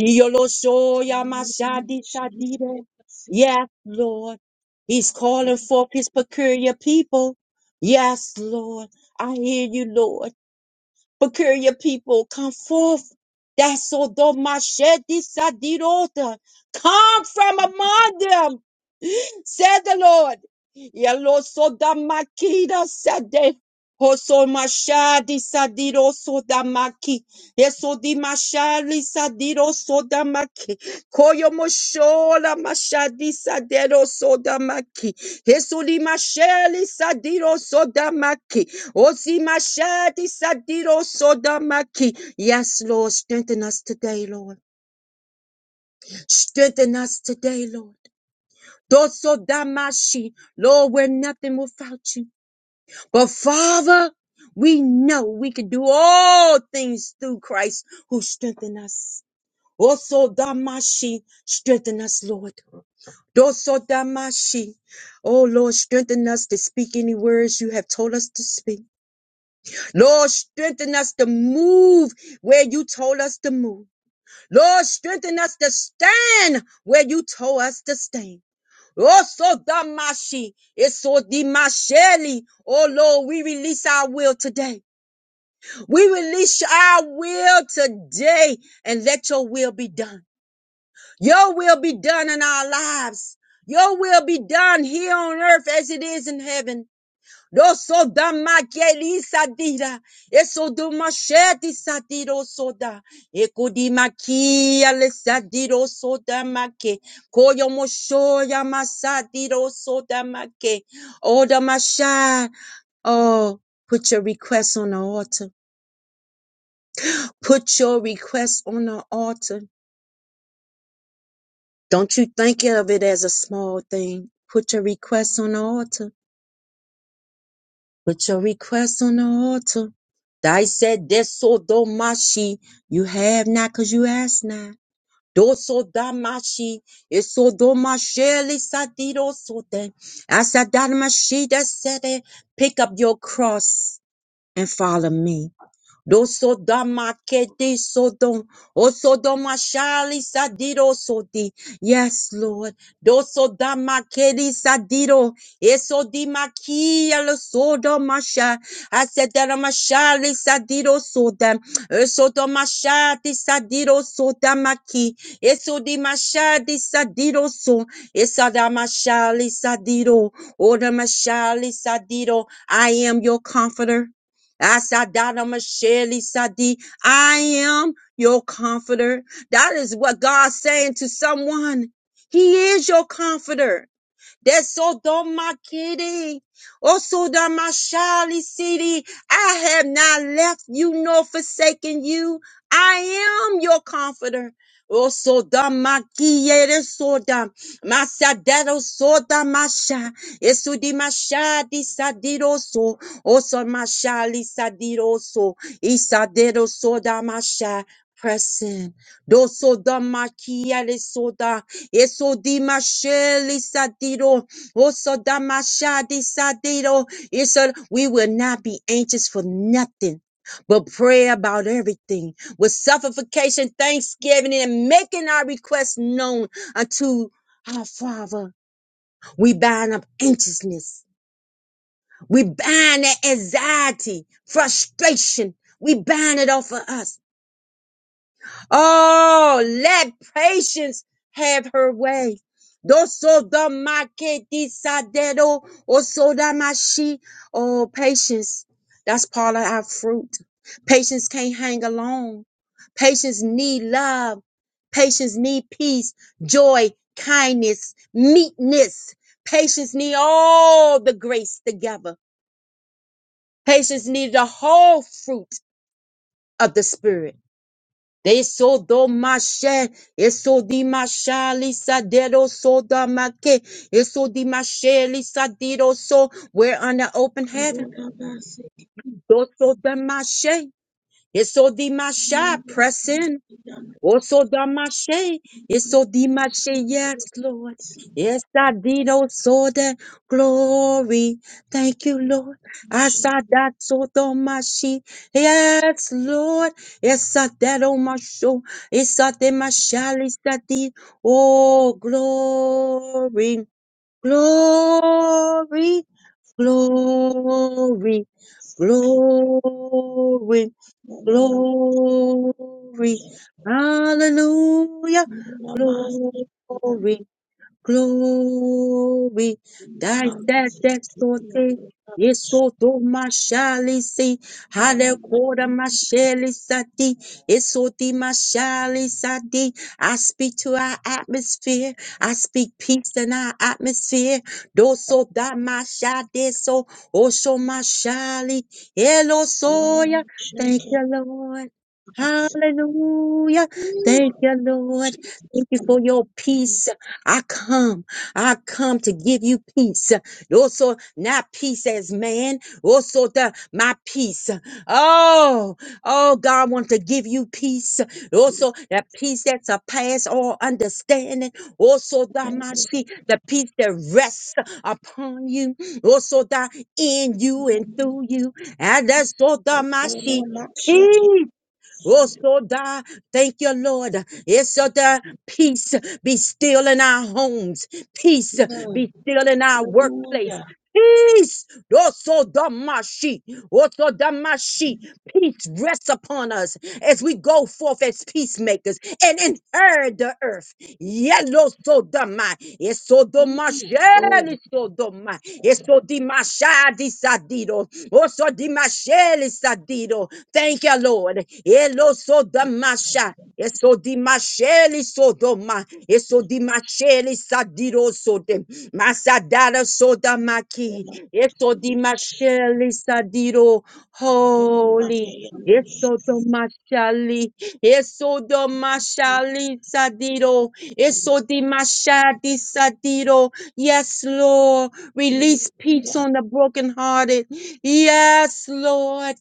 Yolosoyamashatadidide. Yes, Lord. He's calling forth his peculiar people. Yes, Lord. I hear you, Lord. Peculiar people, come forth. That's all. Come from among them said the Lord. Yellow soda makida sade. Hoso mashadi sadiro soda maki. Eso di mashali sadiro soda maki. Koyo moshola mashadi sadero soda maki. Eso di mashali sadiro soda maki. Osi mashadi sadiro soda maki. Yes, Lord, strengthen us today, Lord. Strengthen us today, Lord. Dosodamashi. Lord, we're nothing without you. But Father, we know we can do all things through Christ who strengthen us. Also Damashi, strengthen us, Lord. Dosodamashi. Oh Lord, strengthen us to speak any words you have told us to speak. Lord, strengthen us to move where you told us to move. Lord, strengthen us to stand where you told us to stand. Oso damashi, eso dimasheli. Oh Lord, we release our will today. We release our will today and let your will be done. Your will be done in our lives. Your will be done here on earth as it is in heaven. Rosso da sadira, eso do sadiro soda, eco di le sadiro soda maque, coyo mochoya masadiro soda maque, oda machai. Oh, put your request on the altar. Put your request on the altar. Don't you think of it as a small thing. Put your request on the altar. Put your request on the altar. Thy said, Deso domashi. You have not because you ask not. Doso damashi. Eso domasheli sadido sote. Asadamashi that said it. Pick up your cross and follow me. Dosodamakete sodom. Osodomashali sadiro sodi. Yes, Lord. Dosodamakeli sadiro. Esodimakia lo sodomasha. Asedaramashali sadiro sodam. Esodomashati sadiro sodamaki. Esodimashati sadiro so. Esadamashali sadiro. Odamashali sadiro. I am your comforter. Asadana Masheli Sadi. I am your comforter. That is what God's saying to someone. He is your comforter de Sodoma Kitty, O Sodoma Shali City. I have not left you nor forsaken you. I am your comforter. O Sodoma Kiere Sodom, Masadero Sodoma Sha, Esudima Shadi Sadiroso, O Sodoma Shali Sadiroso, Isadero Sodama Sha. Press in. Dosoda makia le soda, eso masheli sadiro, oso mashadi sadiro. Yes, sir, we will not be anxious for nothing, but pray about everything with supplication, thanksgiving, and making our requests known unto our Father. We bind up anxiousness. We bind that anxiety, frustration. We bind it off of us. Oh, let patience have her way. Dosodomaketisadero osodamashi. Oh, patience. That's part of our fruit. Patience can't hang alone. Patience need love. Patience need peace, joy, kindness, meekness. Patience need all the grace together. Patience need the whole fruit of the spirit. They so do mashe, eso di masha lisa dedo so da make, eso di mashe lisa dido so. We're under open heaven. Do so da mashe, eso di masha. Press in. Oso damashe, eso dimashe, yes, Lord. Yes, I did also the glory. Thank you, Lord. I saw Asada soto mashi, yes, Lord. Yes, I that on my show. Yes, I did my shali sadi. Oh, glory, glory, glory, glory. Glory, hallelujah, glory, glory. Thy death exalted. Esoto mashali si hale koda mashali sati esoti mashali sati. I speak to our atmosphere. I speak peace in our atmosphere. Doso da mashade so osho mashali elo soya. Thank you, Lord. Hallelujah. Thank you, Lord. Thank you for your peace. I come, I come to give you peace. Also, not peace as man, also the my peace. Oh, oh, God wants to give you peace. Also, that peace that surpasses all understanding. Also, the mashi, the peace that rests upon you. Also, the in you and through you. And that's all the mashi. Peace. Oh, so da, thank you, Lord. It's so da, peace be still in our homes. Peace be still in our workplace. Peace Oso damashi, oso damashi. Peace rests upon us as we go forth as peacemakers and inherit the earth. Yellow sodoma, eso domashi, eso doma, eso dimasha disadido, oso dimashe sadido. Thank you, Lord. Yellow sodomasha. Eso di masheli sodoma. Eso di masheli sadiro sodem. Masadara sodamaki. Eso di masheli sadiro. Holy. Eso do mashali. Eso do mashali sadiro. Eso di mashadi sadiro. Yes, Lord. Release peace on the brokenhearted. Yes, Lord.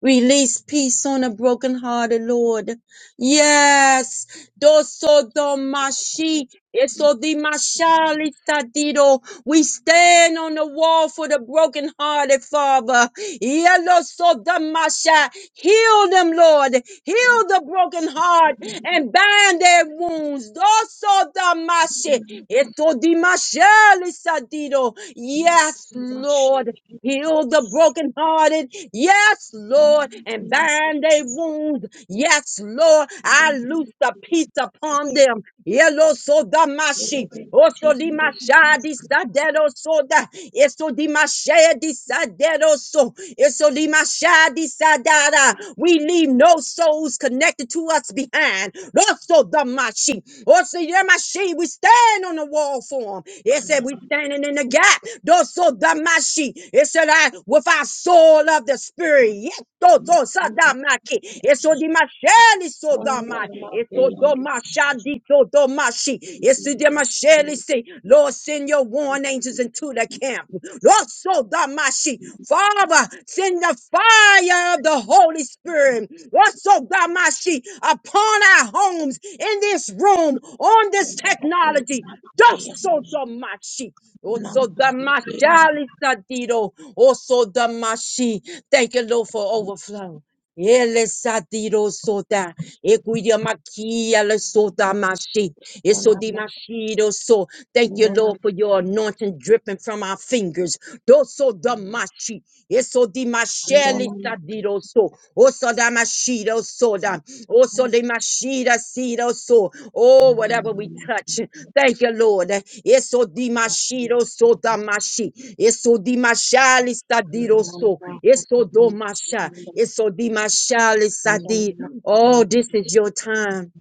Release peace on a broken hearted Lord. Yes. Doso domashi. Eso dimashali sadido. We stand on the wall for the broken hearted Father. Yellow so damasha. Heal them, Lord. Heal the broken heart and bind their wounds. Doso damashi. Eso dimashali sadido. Yes, Lord. Heal the brokenhearted. Yes, Lord. And bind their wounds. Yes, Lord. I loose the peace upon them. Yellow so damashi. Oso dimasha disadero soda. da. Eso dimasha disadero so. Eso dimasha disadara. We leave no souls connected to us behind. Oso damashi. Oso yamashi. We stand on the wall for them. Yes, we standing in in the gap. Doso damashi. It said, I with our soul of the spirit. Yeto to sadamaki. Eso dimasheli so damai. Eso domashadi so domashi. Eso dimasheli see. Lord, send your warring angels into the camp. Lord, so damashi. Father, send the fire of the Holy Spirit. Lord, so damashi upon our homes in this room on this technology. Doso damashi, oso damashali sadido, oso damashi. Thank you, Lord, for overflow. Ele sadido soda, equidia makia le soda mashi, eso dimashido so. Thank you, Lord, for your anointing dripping from our fingers. Doso damashi, eso dimasheli sadido so, oso Shido soda. Also de mashida sido so. Oh, whatever we touch. Thank you, Lord. Eso di mashido soda mashi. Eso di mashali sadiro so. Eso do masha. Eso di mashali sadi. Oh, this is your time.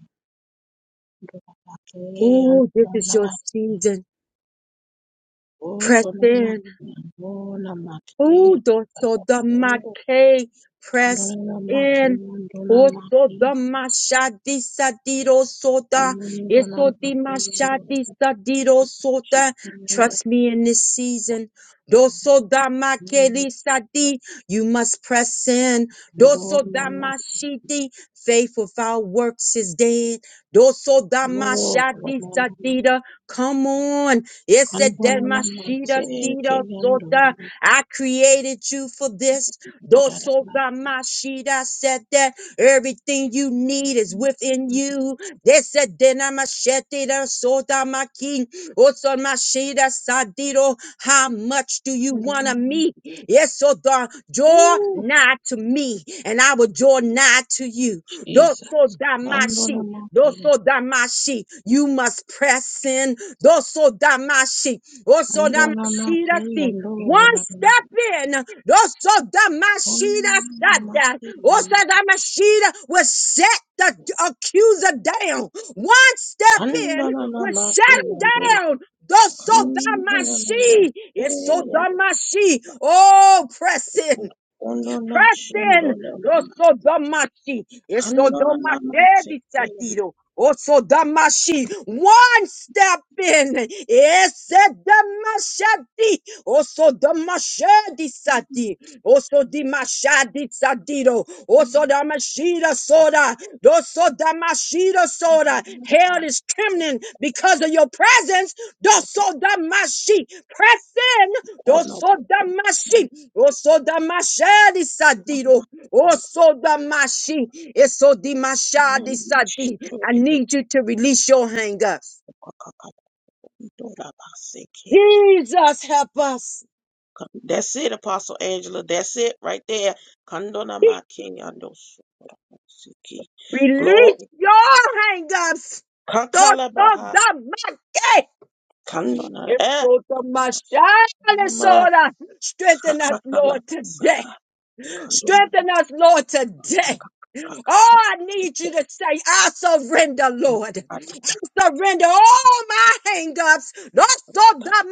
Oh, this is your season. Press in. Ooh, doso damake, press in. Oso damashadi sadiro soda. Eso dimashadi sadiro soda. Trust me in this season. Doso damakeli sadi. You must press in. Doso damashidi. Faith without works is dead. Doso damashadi sadida. Come on. Ese demashida sida soda. I created you for this. Dosogamashida said that everything you need is within you. They said denamashete sodamaki osamashida sadiro. How much do you want to meet? Yes, so the draw nigh to me, and I will draw nigh to you. Dosodamashi, dosodamashi. You must press in. Dosodamashi. Osodamashidasi. One step in, Osodamashida said that. Osodamashida will set the accuser down. One step in will shut him down. Dosodamashi. It's so sodamashi. Oh, press in. Press in. Lo sodomashi. Es sodomakedisadido. O Damashi? One step in. Es sedamashadi. O sodomashedisadi. O sodimashadisadido. O sodamashida soda. Do sodamashida soda. Hell is trembling because of your presence. Do Damashi. Press in. Osodamashi, osodamashadi sadiro, osodamashi, esodimashadi sadi. I need you to release your hang-ups. Jesus, help us. Release your hang-ups. Osodamake, esodamashadi soda. Strengthen us, Lord, today. Strengthen us, Lord, today. Oh, I need you to say, I surrender, Lord. surrender all my hang-ups. Those of the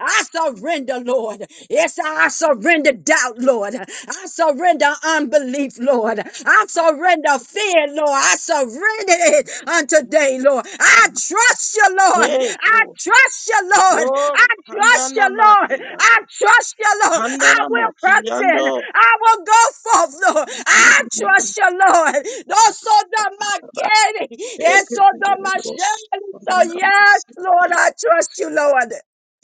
I surrender, Lord. Yes, I surrender doubt, Lord. I surrender unbelief, Lord. I surrender fear, Lord. I surrender it unto day, Lord. I trust you, Lord. I trust you, Lord. I trust you, Lord. I trust you, Lord. I will press in. I will go forth, Lord. I trust you, Lord. Also, the market. Yes, so the machine. So, yes, Lord, I trust you, Lord.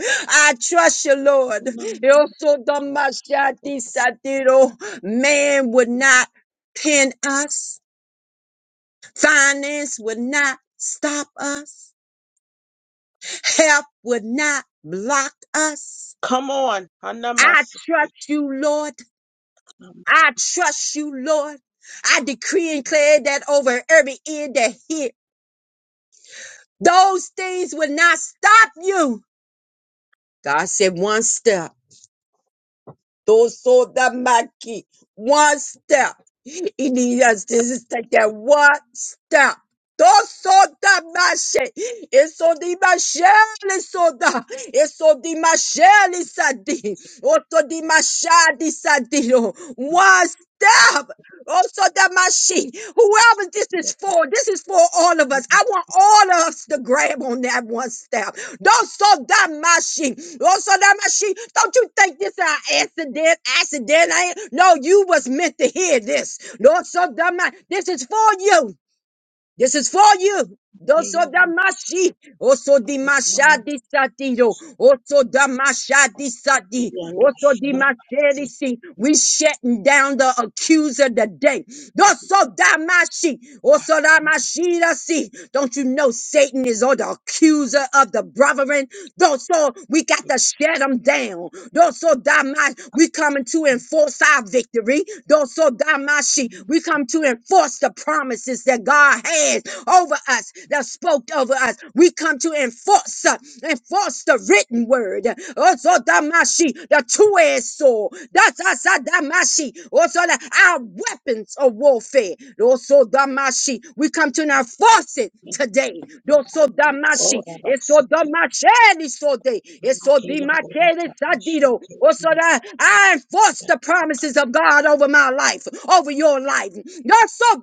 I trust you, Lord. Also, the machete satiro. Man would not pin us, finance would not stop us. Help would not block us. I trust you, Lord. I trust you, Lord. I decree and declare that over every ear that hear. Those things will not stop you. God said one step. Tosodamaki. One step. He needs us to just take that one step. Tosodamashe. Esodimashele soda. Esodimashele sadi. Otodimashadi sadi. One step. Also, Damashi, whoever this is for, this is for all of us. I want all of us to grab on that one step. Don't so Damashi. Also, Damashi, don't you think this is an accident? Accident? I ain't. No, you was meant to hear this. Lord, so Damashi, this is for you. This is for you. Doso damashi, oso dimasha disatiro, oso damasha disati, oso dimashedisi. We shutting down the accuser today. Doso damashi, oso damashidasi. Don't you know Satan is on the accuser of the brethren? Doso, we got to shut him down. Doso damashi, we coming to enforce our victory. Doso damashi, we come to enforce the promises that God has declares over us, that spoke over us. We come to enforce, uh, enforce the written word. Also, damashi, the two-edged sword. That's us, uh, damashi. Also, the, our weapons of warfare. Also, damashi. We come to now force it today. Also, damashi. It's so damashi. It's so day. It's so dimakele sadido. Also, that I enforce the promises of God over my life, over your life. Also,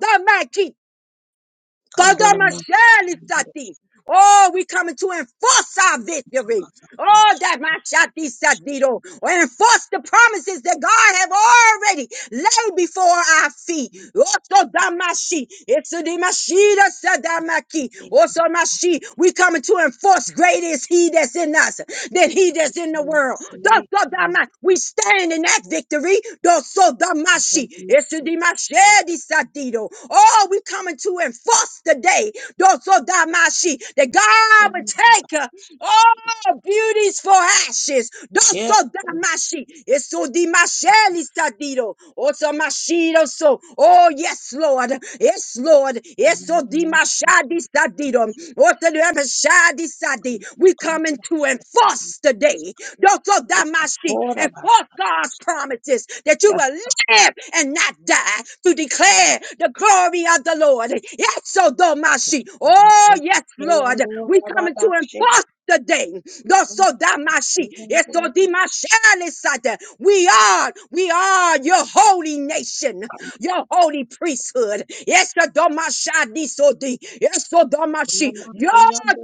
Kodomashalisati. Oh, we coming to enforce our victory. Oh, that my mashati satido. Enforce the promises that God have already laid before our feet. Also damashi. It's a dimashida sadamaki. Also Rashi, We coming to enforce great is he that's in us than he that's in the world. Dosodama, We stand in that victory. Dosodamashi, Esidimashedi sadido. Oh, we coming to enforce today. Dosodamashi, That God would take. uh, Oh, beauties for ashes. Doso damashi. Eso dimasheli stadido. Oso mashido so. Oh, yes, Lord. Yes, Lord. Eso dimashadi stadido. Oso dimashadi sadi. We coming to enforce today. Doso damashi. Enforce God's promises that you will live and not die to declare the glory of the Lord. Yes, so though my sheep. Oh, yes, Lord. We coming to enforce the day. Doso damashi. Eso dimashalisada. We are, we are your holy nation, your holy priesthood. Yes, so domashadi sodi. Yes, so domashi. Your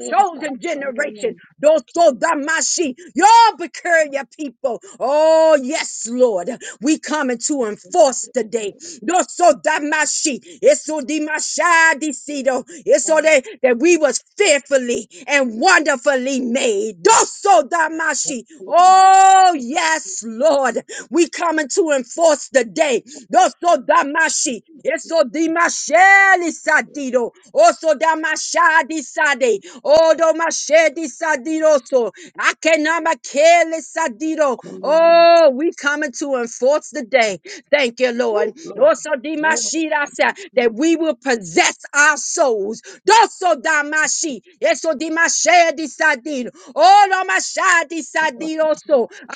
chosen generation. Doso damashi. Y'all procure your people. Oh, yes, Lord. We coming to enforce today. Don't throw that mashi. it's Doso damashi. Eso dimashadicido. It's de that that we was fearfully and wonderfully made. Doso damashi. Oh, yes, Lord. We coming to enforce the day. Doso damashi. Eso dimasheli sadido. Oso damashadi sade. Odo mashedi sadidoso. Akenamakele sadido. Oh, we coming to enforce the day. Thank you, Lord. Also, Dimashira said that we will possess our souls. Doso Damashi. Eso Dimashe disadino. Oh, Lamashadi sadino.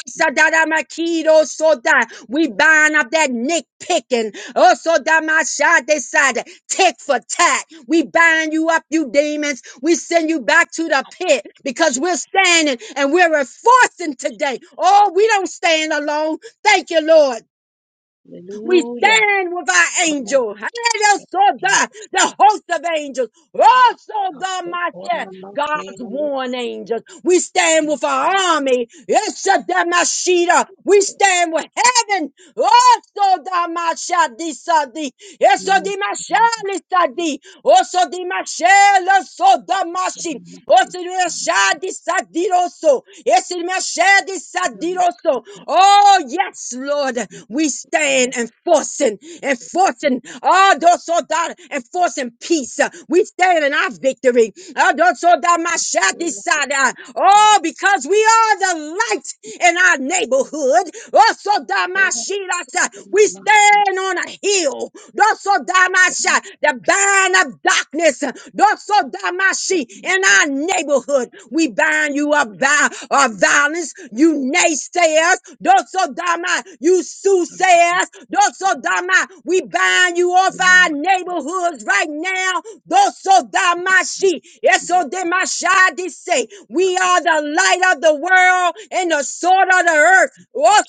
Asadadamakido soda. We bind up that nitpicking. Also, Damashade side, tick for tat. We bind you up, you demons. We send you back to the pit because we're standing and we're enforcing today. Oh, we don't stand alone. Thank you, Lord. We stand with our angel. The host of angels. Also, God, my chest, God's warring angels. We stand with our army. Yeshadamashita. We stand with heaven. Also, Damashadisadi. Yesodimashalisadi. Also, Dimashelasodamashi. Also, Dimashadi Sadi Diroso. Esimashedi Sadiroso. Oh, yes, Lord. We stand enforcing, enforcing, oh, those so that enforcing peace. We stand in our victory. Oh, those so that my shall decide. Oh, because we are the light in our neighborhood. Oh, so that my sheet, we stand on a hill. Those so that my shall bind up darkness, doso damashi, in our neighborhood. We bind you up by our violence, you naysayers, doso dama, you soothsayers, doso dama. We bind you off our neighborhoods right now, doso damashi, eso demashadi say. We are the light of the world and the sword of the earth.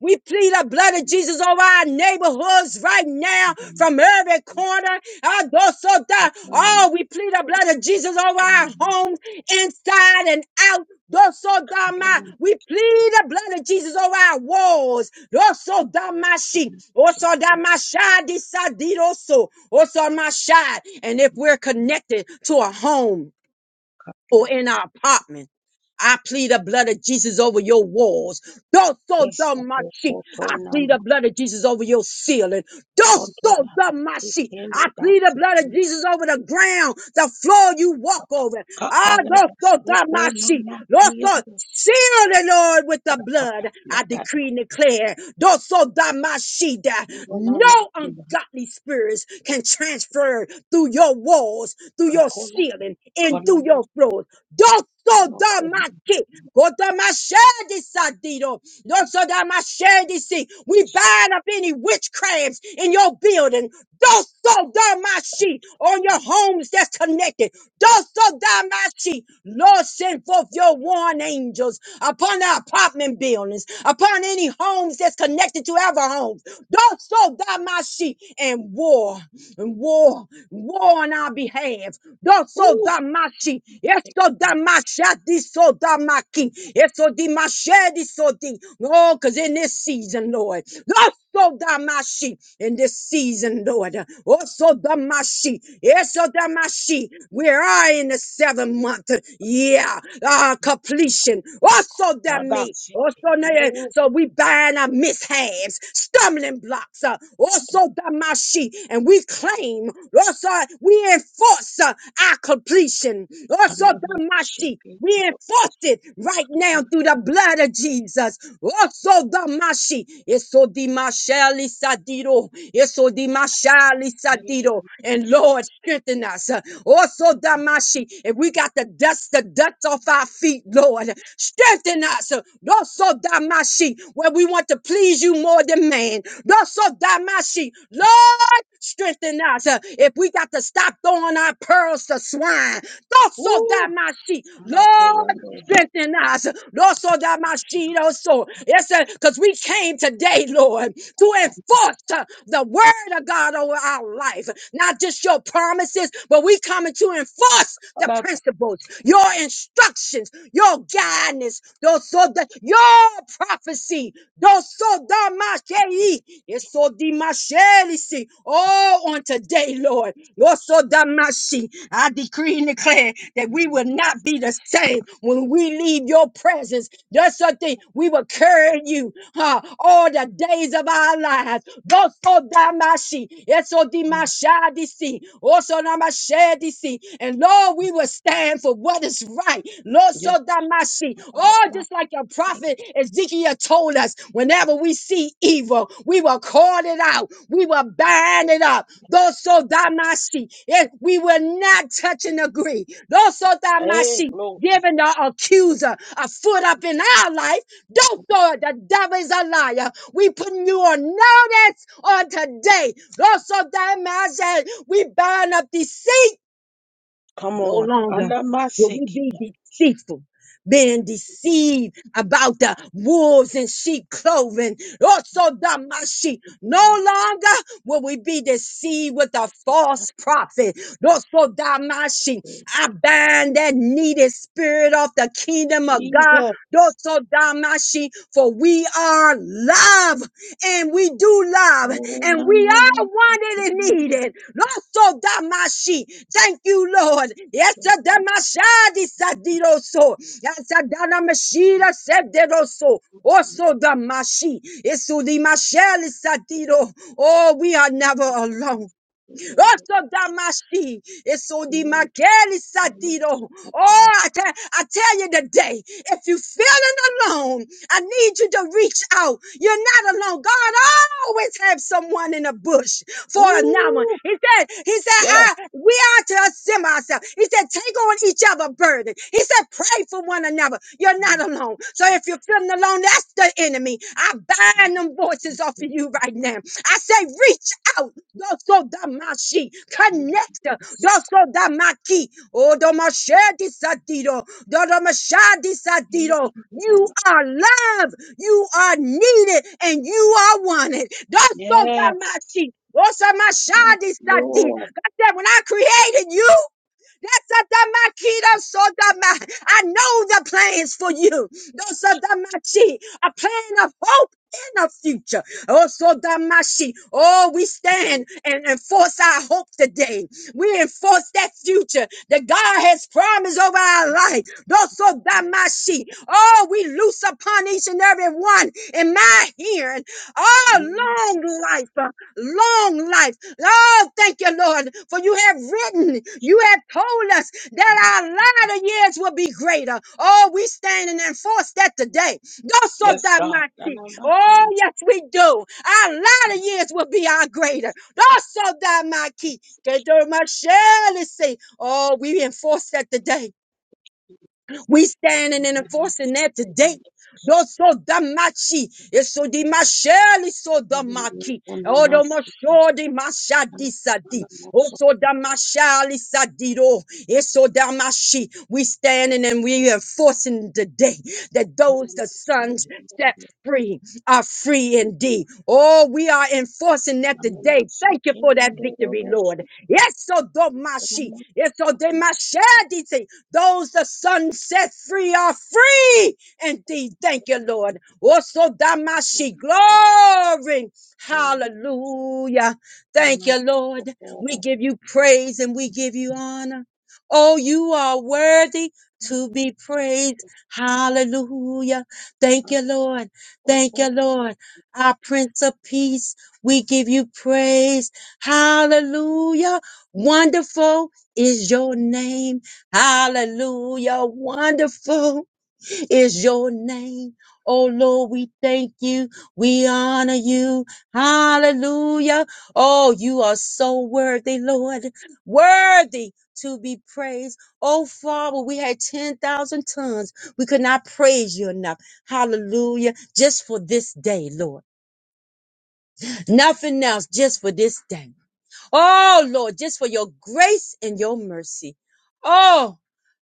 We plead the blood of Jesus over our neighborhoods right now from every corner. Adosoda. Oh, we plead the blood of Jesus over our homes inside and out. Dosodama. We plead the blood of Jesus over our walls. Dosodamashi. Osodamashadidiso. Osomasha. And if we're connected to a home, or in our apartment. I plead the blood of Jesus over your walls. Don't so dumb my sheep. I plead the blood of Jesus over your ceiling. Don't so dumb my sheep. I plead the blood of Jesus over the ground, the floor you walk over. Ah, don't so dumb my sheep. Seal the Lord with the blood. I decree and declare, Dosodamashida, no ungodly spirits can transfer through your walls, through your ceiling, and through your floors. Doso da maki, goda mashedi sadido, doso da mashedi si. We bind up any witchcrafts in your building. Doso da mashi on your homes that's connected. Doso da mashi. Lord, send forth your warring angels upon the apartment buildings, upon any homes that's connected to other homes. Doso da mashi and war, and war, war on our behalf. Doso
Ooh,
da mashi. Eso damasha diso damaki. Eso dimashe diso di. so di. Oh, because in this season, Lord. Also damashi. In this season, Lord. Also damashi. Eso damashi. We are in the seventh month. Yeah. Uh, completion. Also da me. Also, nay, So we bind our mishaps, stumbling blocks, uh, also damashi, and we claim, also we enforce uh, our completion, also damashi. We enforce it right now through the blood of Jesus. Also damashi, eso dimasheli sadiro, Eso dimashali sadido. And Lord, strengthen us. Also damashi. If we got to dust, the dust off our feet, Lord, strengthen us. Also damashi. Where we want to please you more than man. Also damashi. Lord, strengthen us. If we got to stop throwing our pearls to swine. Also
ooh.
damashi. Lord, strengthen us. Lord, so that my machino so. Yes, because we came today, Lord, to enforce uh, the word of God over our life. Not just your promises, but we coming to enforce the principles, your instructions, your guidance, those so that your prophecy, those so that my machei. Yes, so the di macheli see. Oh, on today, Lord. Lord, so that my machi. I decree and declare that we will not be the same thing when we leave your presence. That's the thing we will carry you huh, all the days of our lives. Goso damashi, eso dimashadisi, oso namashadisi. And Lord, we will stand for what is right. Loso damashi. Oh, just like your prophet Ezekiel told us, whenever we see evil, we will call it out. We will bind it up. Goso damashi. And We will not touch and agree. Loso damashi giving the accuser a foot up in our life. Don't throw it. The devil is a liar. We putting you on notice on today. Also, that man said we bind up deceit. No longer will we be deceitful, being deceived about the wolves in sheep clothing. Also, Damashi. No longer will we be deceived with a false prophet. Also, Damashi. I bind that needed spirit of the kingdom of God. Also, Damashi. For we are love and we do love and we are wanted and needed. Loso damashi. Thank you, Lord. Yes, damashadi sadiroso. Yes, damashida sediroso. Also, the mashi is the mashel satiro. Oh, we are never alone. Also, damashi. Eso di makeli sadido. Oh, I, tell, I tell you today, if you're feeling alone, I need you to reach out. You're not alone. God always have someone in the bush for another. He said, He said, I we are to assemble ourselves. He said, take on each other's burden. He said, pray for one another. You're not alone. So if you're feeling alone, that's the enemy. I bind them voices off of you right now. I say, reach out doso damashi, connect, doso damaki, odomashedi sadiro, dodomashadi sadiro. You are loved, you are needed, and you are wanted. Doso damashi, osamashadi sadi. God said, when I created you. That's a damakita sodama. I know the plans for you. Those are damachi, a plan of hope. In the future, oh so damashi, oh we stand and enforce our hope today. We enforce that future that God has promised over our life. Those so damashi, oh we loose upon each and every one in my hearing. Oh long life, uh, long life. Oh, thank you, Lord, for you have written, you have told us that our latter years will be greater. Oh, we stand and enforce that today. do so that my seat. Oh, yes, we do. Our latter years will be our greater. do so that my key. Can do my shell and say, Oh, we enforce that today. We standing and enforcing that today. Doso damachi, eso di masheli so damaki, odo mosho di masha sadi, oso damashali sadiro, eso damashi. We standing and we enforcing today that those the sons set free are free indeed. Oh, we are enforcing that today. Thank you for that victory, Lord. Yes, so do mashi, yes, so those the Son set free are free indeed. Thank you, Lord. Also, Damashi, glory. Hallelujah. Thank you, Lord. We give you praise and we give you honor. Oh, you are worthy to be praised. Hallelujah. Thank you, Lord. Thank you, Lord. Our Prince of Peace, we give you praise. Hallelujah. Wonderful is your name. Hallelujah. Wonderful is your name. Oh Lord, we thank you. We honor you. Hallelujah. Oh, you are so worthy, Lord. Worthy to be praised. Oh Father, we had 10,000 tons. We could not praise you enough. Hallelujah. Just for this day, Lord. Nothing else, just for this day. Oh Lord, just for your grace and your mercy. Oh,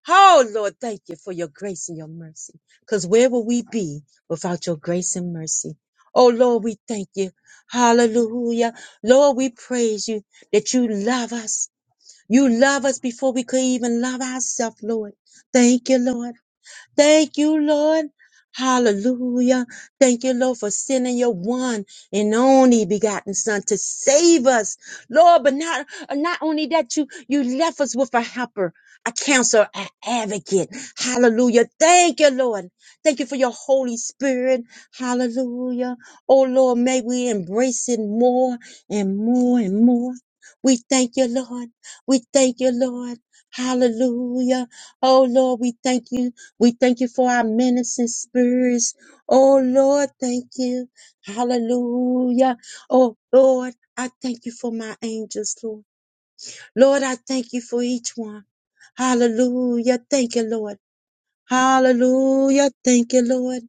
Oh, Lord, thank you for your grace and your mercy. Because where would we be without your grace and mercy? Oh, Lord, we thank you. Hallelujah. Lord, we praise you that you love us. You love us before we could even love ourselves, Lord. Thank you, Lord. Thank you, Lord. Hallelujah. Thank you, Lord, for sending your one and only begotten son to save us. Lord, but not, uh, not only that, you, you left us with a helper, a counselor, an advocate. Hallelujah. Thank you, Lord. Thank you for your Holy Spirit. Hallelujah. Oh, Lord, may we embrace it more and more and more. We thank you, Lord. We thank you, Lord. Hallelujah. Oh, Lord, we thank you. We thank you for our ministering spirits. Oh Lord, thank you. Hallelujah. Oh Lord, I thank you for my angels, Lord. Lord, I thank you for each one. Hallelujah. Thank you, Lord. Hallelujah. Thank you, Lord.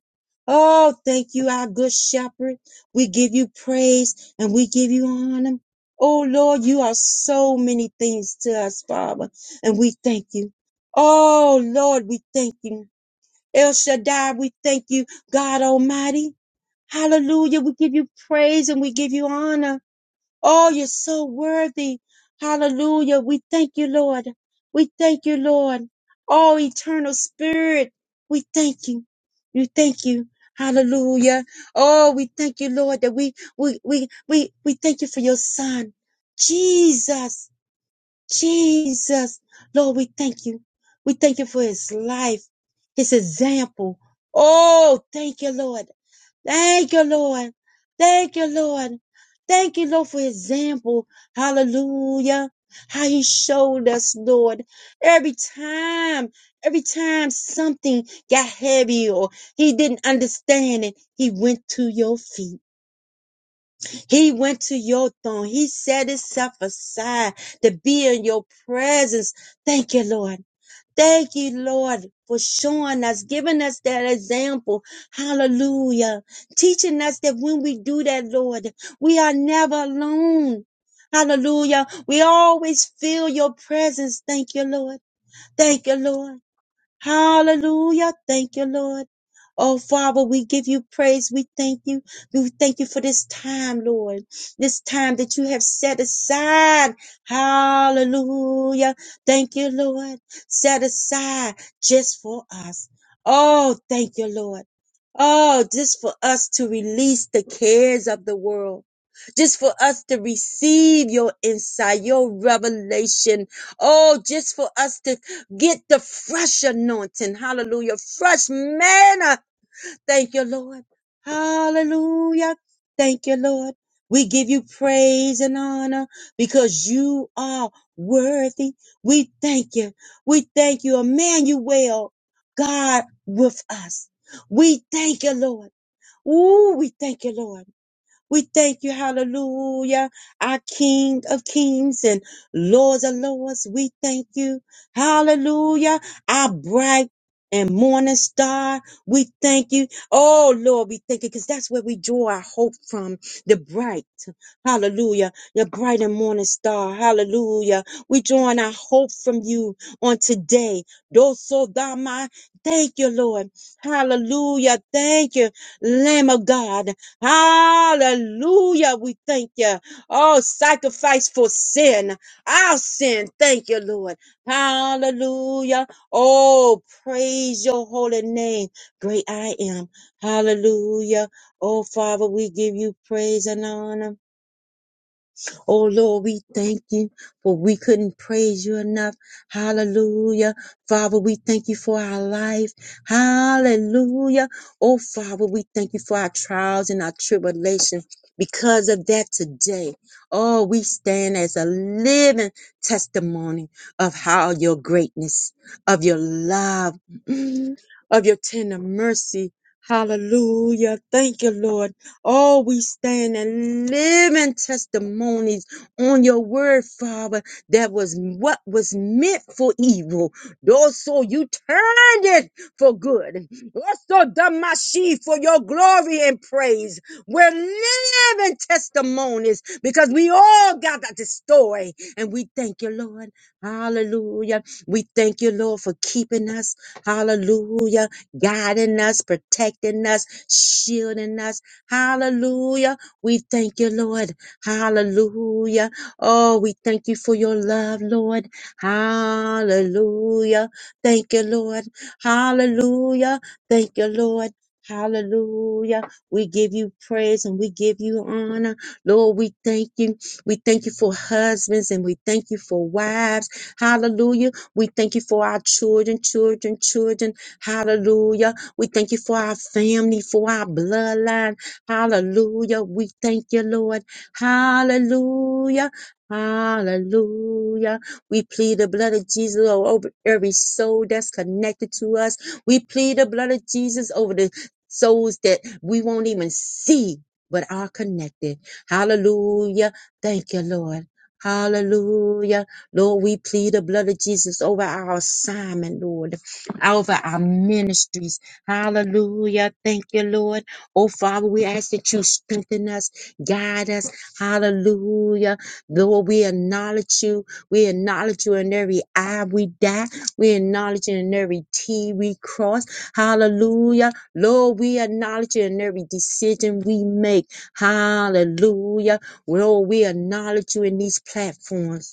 Oh, thank you, our good shepherd. We give you praise and we give you honor. Oh Lord, you are so many things to us, Father, and we thank you. Oh Lord, we thank you. El Shaddai, we thank you, God Almighty. Hallelujah. We give you praise and we give you honor. Oh, you're so worthy. Hallelujah. We thank you, Lord. We thank you, Lord. Oh, eternal spirit, we thank you. We thank you. Hallelujah. Oh, we thank you, Lord, that we, we, we, we, we thank you for your son, Jesus. Jesus. Lord, we thank you. We thank you for his life, his example. Oh, thank you, Lord. Thank you, Lord. Thank you, Lord. Thank you, Lord, for example. Hallelujah. How you showed us, Lord. Every time, every time something got heavy or he didn't understand it, he went to your feet. He went to your throne. He set himself aside to be in your presence. Thank you, Lord. Thank you, Lord, for showing us, giving us that example. Hallelujah. Teaching us that when we do that, Lord, we are never alone. Hallelujah. We always feel your presence. Thank you, Lord. Thank you, Lord. Hallelujah. Thank you, Lord. Oh, Father, we give you praise. We thank you. We thank you for this time, Lord. This time that you have set aside. Hallelujah. Thank you, Lord. Set aside just for us. Oh, thank you, Lord. Oh, just for us to release the cares of the world just for us to receive your insight, your revelation. Oh, just for us to get the fresh anointing. Hallelujah. Fresh manna. Thank you, Lord. Hallelujah. Thank you, Lord. We give you praise and honor because you are worthy. We thank you. We thank you, Emmanuel, God with us. We thank you, Lord. Ooh, we thank you, Lord. We thank you, hallelujah, our King of kings and Lords of lords. We thank you, hallelujah, our bright and morning star. We thank you. Oh, Lord, we thank you because that's where we draw our hope from the bright, hallelujah, the bright and morning star, hallelujah. We drawing our hope from you on today. Doso dama. Thank you, Lord. Hallelujah. Thank you, Lamb of God. Hallelujah. We thank you. Oh, sacrifice for sin, our sin. Thank you, Lord. Hallelujah. Oh, praise your holy name. Great I am. Hallelujah. Oh, Father, we give you praise and honor. Oh Lord, we thank you for we couldn't praise you enough. Hallelujah. Father, we thank you for our life. Hallelujah. Oh Father, we thank you for our trials and our tribulations. Because of that today, oh, we stand as a living testimony of how your greatness, of your love, [CLEARS THROAT] of your tender mercy. Hallelujah. Thank you, Lord. Oh, we stand and living testimonies on your word, Father, that was what was meant for evil. Also, you turned it for good. Also, Damashi, for your glory and praise. We're living testimonies because we all got that story. And we thank you, Lord. Hallelujah. We thank you, Lord, for keeping us. Hallelujah. Guiding us, protecting us, shielding us. Hallelujah. We thank you, Lord. Hallelujah. Oh, we thank you for your love, Lord. Hallelujah. Thank you, Lord. Hallelujah. Thank you, Lord. Hallelujah. We give you praise and we give you honor. Lord, we thank you. We thank you for husbands and we thank you for wives. Hallelujah. We thank you for our children, children, children. Hallelujah. We thank you for our family, for our bloodline. Hallelujah. We thank you, Lord. Hallelujah. Hallelujah. We plead the blood of Jesus o- over every soul that's connected to us. We plead the blood of Jesus over the souls that we won't even see, but are connected. Hallelujah. Thank you, Lord. Hallelujah. Lord, we plead the blood of Jesus over our assignment, Lord, over our ministries. Hallelujah. Thank you, Lord. Oh, Father, we ask that you strengthen us, guide us. Hallelujah. Lord, we acknowledge you. We acknowledge you in every eye we die. We acknowledge you in every T we cross. Hallelujah. Lord, we acknowledge you in every decision we make. Hallelujah. Lord, we acknowledge you in these platforms.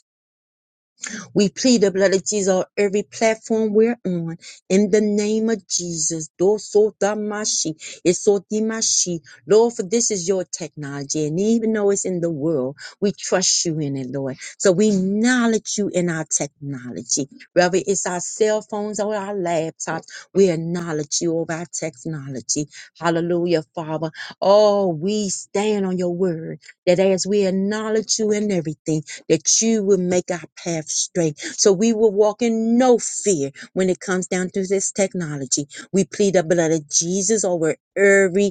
We plead the blood of Jesus on every platform we're on. In the name of Jesus. Dosotamashi, Isotimashi. Lord, for this is your technology. And even though it's in the world, we trust you in it, Lord. So we acknowledge you in our technology. Whether it's our cell phones or our laptops, we acknowledge you of our technology. Hallelujah, Father. Oh, we stand on your word that as we acknowledge you in everything, that you will make our path straight. So we will walk in no fear when it comes down to this technology. We plead the blood of Jesus over every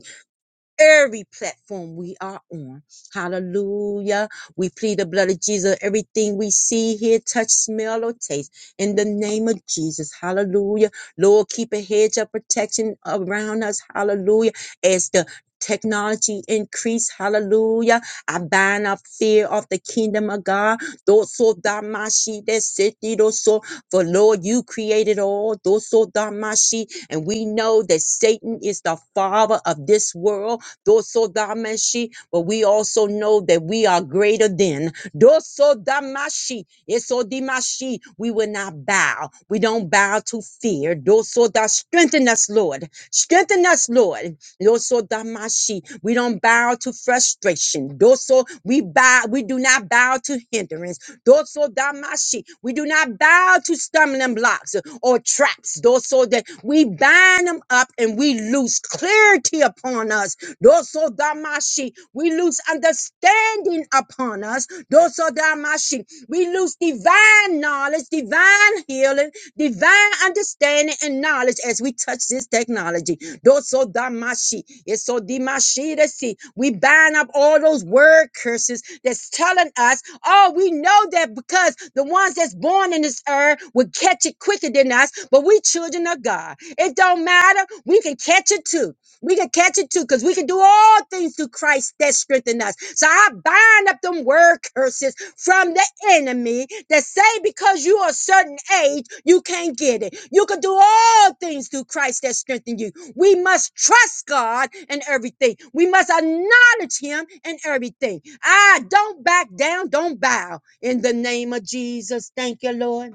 every platform we are on. Hallelujah. We plead the blood of Jesus. Everything we see, hear, touch, smell, or taste. In the name of Jesus. Hallelujah. Lord, keep a hedge of protection around us. Hallelujah. As the Technology increase, hallelujah. I bind up fear of the kingdom of God. Doso damashi desiti doso. For Lord, you created all. Doso damashi. And we know that Satan is the father of this world Dosodamashi, but we also know that we are greater than Dosodamashi. Esodimashi. We will not bow. We don't bow to fear. Dosoda, strengthen us, Lord. Strengthen us, Lord. Dosodamashi. We don't bow to frustration. Doso, we bow, we do not bow to hindrance. Dosodamashi. We do not bow to stumbling blocks or traps. Doso that we bind them up and we lose clarity upon us Dosodamashi. We lose understanding upon us. Dosodamashi. We lose divine knowledge, divine healing, divine understanding and knowledge as we touch this technology. Dosodamashi. It's so dimashi to see. We bind up all those word curses that's telling us, oh, we know that because the ones that's born in this earth will catch it quicker than us, but we children of God. It don't matter. We can catch it too. We can catch it too, because we can do all things through Christ that strengthen us. So I bind up them word curses from the enemy that say because you are a certain age, you can't get it. You can do all things through Christ that strengthen you. We must trust God in everything. We must acknowledge him in everything. Ah, don't back down, don't bow. In the name of Jesus, thank you, Lord.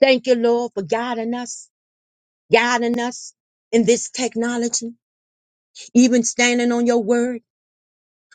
Thank you, Lord, for guiding us, guiding us in this technology even standing on your word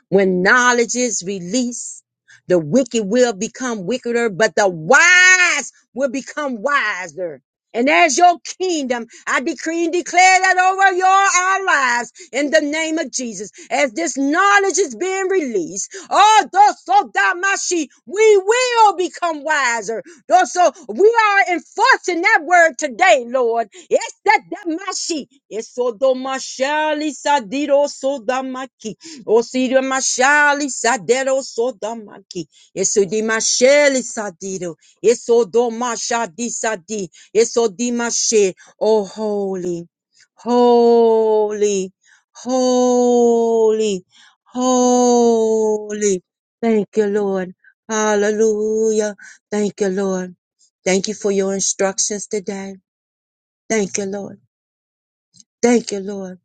when knowledge is released, the wicked will become wickeder, but the wise will become wiser. And as your kingdom, I decree and declare that over your our lives in the name of Jesus. As this knowledge is being released, oh, dosodamashi, we will become wiser. Lord, So we are enforcing that word today, Lord. Yes, that damashi. Yes, It's so do mashali sadido so damaki. Osiri mashali sadero sodamaki. Eso di masheli sadiro. Eso do mashadi sadi. Eso di mashe. Oh, holy, holy, holy, holy. Thank you, Lord. Hallelujah. Thank you, Lord. Thank you for your instructions today. Thank you, Lord. Thank you, Lord.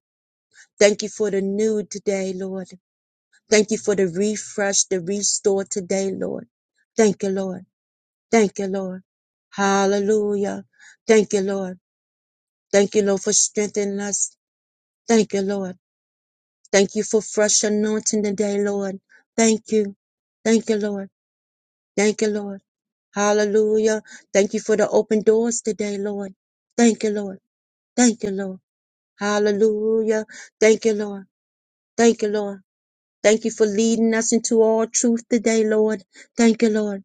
Thank you for the new today, Lord. Thank you for the refresh, the restore today, Lord. Thank you, Lord. Thank you, Lord. Hallelujah. Thank you, Lord. Thank you, Lord, for strengthening us. Thank you, Lord. Thank you for fresh anointing today, Lord. Thank you. Thank you, Lord. Thank you, Lord. Hallelujah. Thank you for the open doors today, Lord. Thank you, Lord. Thank you, Lord. Hallelujah. Thank you, Lord. Thank you, Lord. Thank you for leading us into all truth today, Lord. Thank you, Lord.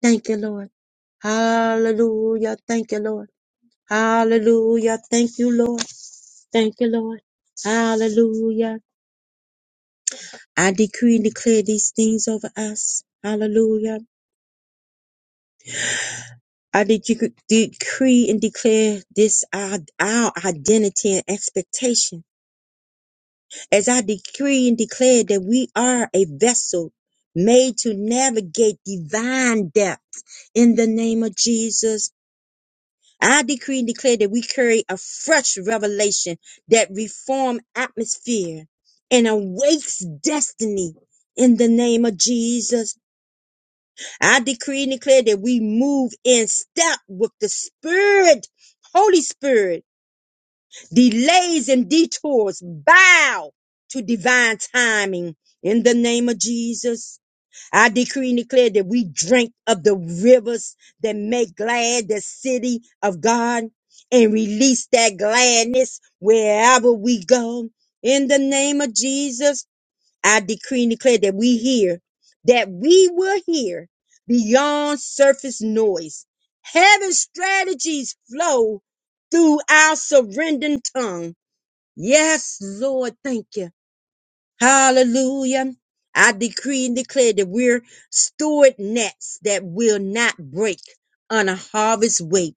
Thank you, Lord. Hallelujah. Thank you, Lord. Hallelujah. Thank you, Lord. Thank you, Lord. Hallelujah. I decree and declare these things over us. Hallelujah. I de- decree and declare this our, our identity and expectation. As I decree and declare that we are a vessel made to navigate divine depth in the name of Jesus I decree and declare that we carry a fresh revelation that reform atmosphere and awakes destiny in the name of Jesus. I decree and declare that we move in step with the Spirit, Holy Spirit, delays and detours, bow to divine timing in the name of Jesus. I decree and declare that we drink of the rivers that make glad the city of God and release that gladness wherever we go. In the name of Jesus, I decree and declare that we hear, that we will hear beyond surface noise. Heaven's strategies flow through our surrendered tongue. Yes, Lord, thank you. Hallelujah. I decree and declare that we're steward nets that will not break on a harvest weight.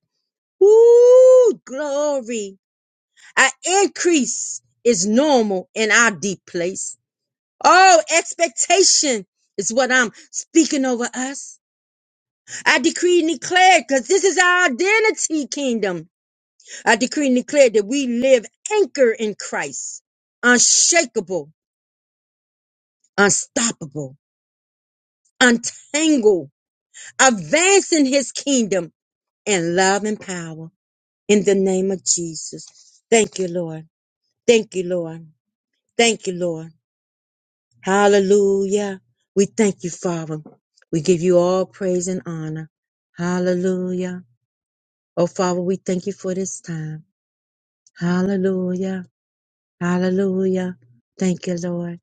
Ooh, glory. Our increase is normal in our deep place. Oh, expectation is what I'm speaking over us. I decree and declare, because this is our identity kingdom. I decree and declare that we live anchored in Christ, unshakable, unstoppable, untangled advancing his kingdom in love and power in the name of Jesus. Thank you, Lord. Thank you, Lord. Thank you, Lord. Hallelujah. We thank you, Father. We give you all praise and honor. Hallelujah. Oh, Father, we thank you for this time. Hallelujah. Hallelujah. Thank you, Lord.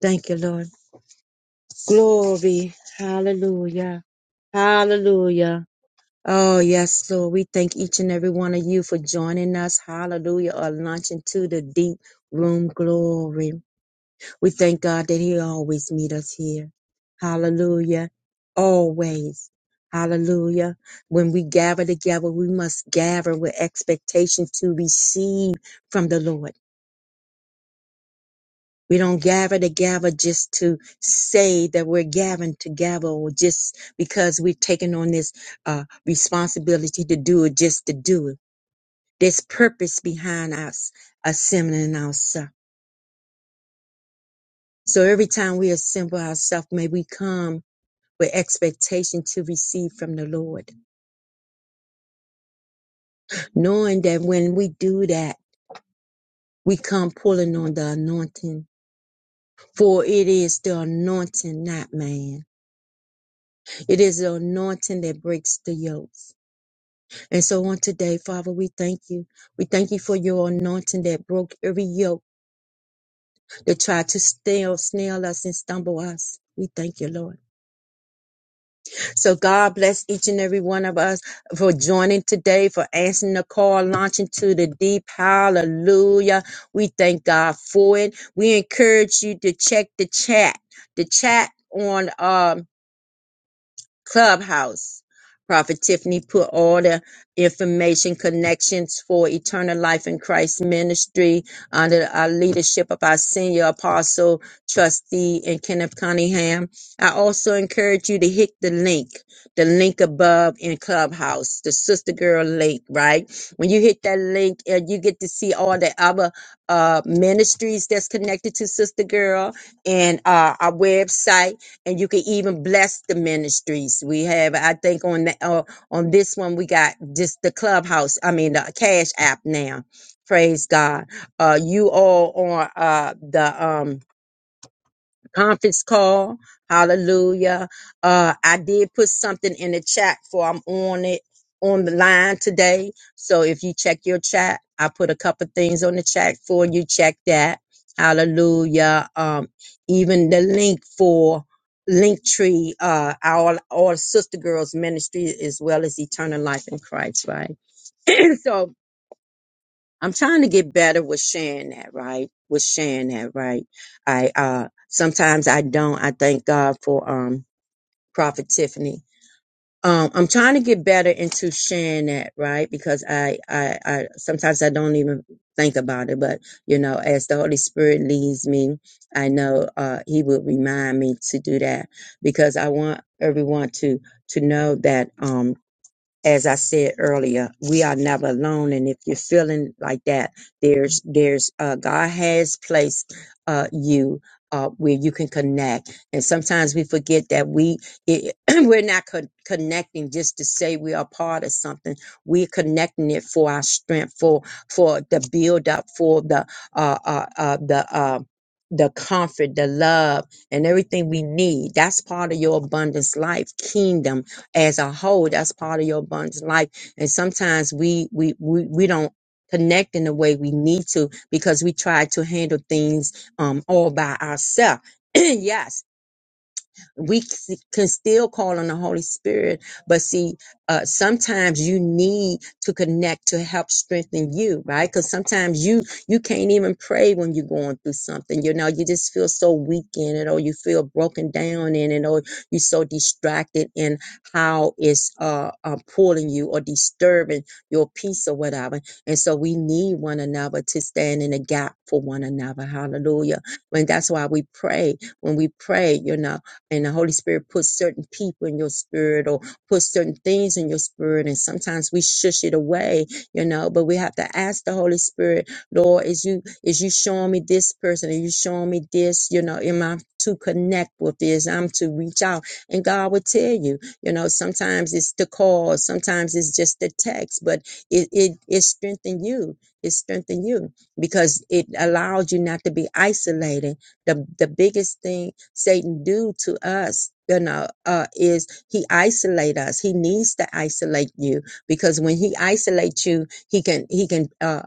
Thank you, Lord. Glory. Hallelujah. Hallelujah. Oh, yes, Lord. We thank each and every one of you for joining us. Hallelujah. Or launching to the deep room glory. We thank God that He always meet us here. Hallelujah. Always. Hallelujah. When we gather together, we must gather with expectation to receive from the Lord. We don't gather together just to say that we're gathering together or just because we're taking on this uh, responsibility to do it just to do it There's purpose behind us assembling ourselves. So every time we assemble ourselves, may we come with expectation to receive from the Lord, knowing that when we do that, we come pulling on the anointing, for it is the anointing, not man. It is the anointing that breaks the yokes. And so on today, Father, we thank you. We thank you for your anointing that broke every yoke that tried to snail, snail us and stumble us. We thank you, Lord. So God bless each and every one of us for joining today, for answering the call, launching to the deep. Hallelujah. We thank God for it. We encourage you to check the chat. The chat on um Clubhouse. Prophet Tiffany put all the information connections for Eternal Life in Christ Ministry under our leadership of our senior apostle, trustee, and Kenneth Cunningham. I also encourage you to hit the link, the link above in Clubhouse, the Sister Girl link, right? When you hit that link, uh, you get to see all the other uh, ministries that's connected to Sister Girl and uh, our website and you can even bless the ministries we have. I think on the, uh, on this one we got just the clubhouse. I mean the Cash App now. Praise God. Uh, you all on uh, the um conference call. Hallelujah. Uh, I did put something in the chat for I'm on it on the line today. So if you check your chat, I put a couple things on the chat for you. Check that. Hallelujah. Um, even the link for Linktree, uh, our our sister girls ministry as well as Eternal Life in Christ, right? [CLEARS THROAT] so I'm trying to get better with sharing that, right? With sharing that, right? I uh sometimes I don't. I thank God for um Prophet Tiffany. Um, I'm trying to get better into sharing that, right? Because I, I, I sometimes I don't even think about it, but you know, as the Holy Spirit leads me, I know uh, He will remind me to do that because I want everyone to to know that. um as I said earlier, we are never alone. And if you're feeling like that, there's there's uh, God has placed uh, you uh, where you can connect. And sometimes we forget that we it, [CLEARS THROAT] we're not con- connecting just to say we are part of something. We're connecting it for our strength, for for the build up, for the uh, uh, uh, the uh, the comfort, the love, and everything we need. That's part of your abundance life, kingdom as a whole. That's part of your abundant life. And sometimes we we we, we don't connect in the way we need to because we try to handle things um all by ourselves. [CLEARS THROAT] yes, we c- can still call on the Holy Spirit, but see, uh, sometimes you need to connect to help strengthen you, right? Because sometimes you you can't even pray when you're going through something. You know, you just feel so weak in it, or you feel broken down in it, or you're so distracted in how it's uh, uh pulling you or disturbing your peace or whatever. And so we need one another to stand in the gap for one another. Hallelujah. And that's why we pray when we pray, you know and the Holy Spirit puts certain people in your spirit or puts certain things in your spirit. And sometimes we shush it away, you know, but we have to ask the Holy Spirit, Lord, is you, is you showing me this person? Are you showing me this? You know, am I to connect with this? I'm to reach out. And God will tell you, you know, sometimes it's the call, sometimes it's just the text, but it, it, it strengthens you. It strengthens you because it allows you not to be isolated the the biggest thing Satan do to us, you know, uh, is he isolate us. He needs to isolate you because when he isolates you, he can he can uh,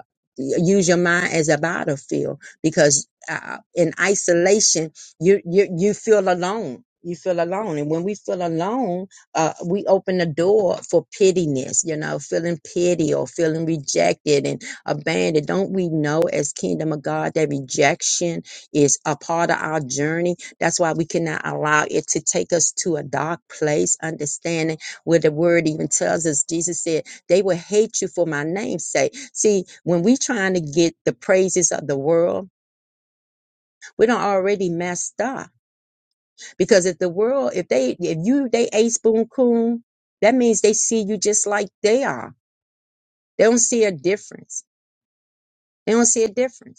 use your mind as a battlefield because uh, in isolation you you you feel alone. You feel alone, and when we feel alone, uh, we open the door for pittiness. You know, feeling pity or feeling rejected and abandoned. Don't we know as kingdom of God that rejection? is a part of our journey. That's why we cannot allow it to take us to a dark place, understanding where the word even tells us. Jesus said, They will hate you for my name's sake. See, when we trying to get the praises of the world, we don't already messed up. Because if the world, if they if you they a spoon coon, that means they see you just like they are. They don't see a difference. They don't see a difference.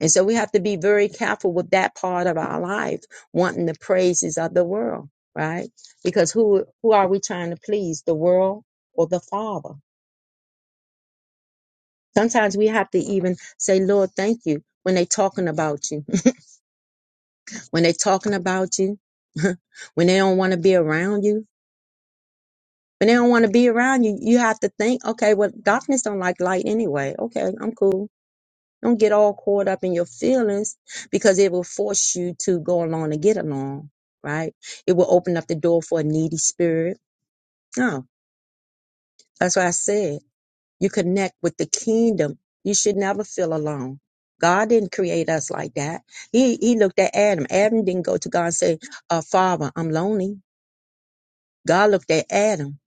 And so we have to be very careful with that part of our life, wanting the praises of the world, right? Because who who are we trying to please, the world or the Father? Sometimes we have to even say, Lord, thank you when they talking about you, [LAUGHS] when they talking about you, [LAUGHS] when they don't want to be around you. When they don't want to be around you, you have to think, okay, well, darkness don't like light anyway. Okay, I'm cool Don't get all caught up in your feelings because it will force you to go along and get along, right? It will open up the door for a needy spirit. No, that's why I said. You connect with the kingdom. You should never feel alone. God didn't create us like that. He he looked at Adam. Adam didn't go to God and say, uh, Father, I'm lonely. God looked at Adam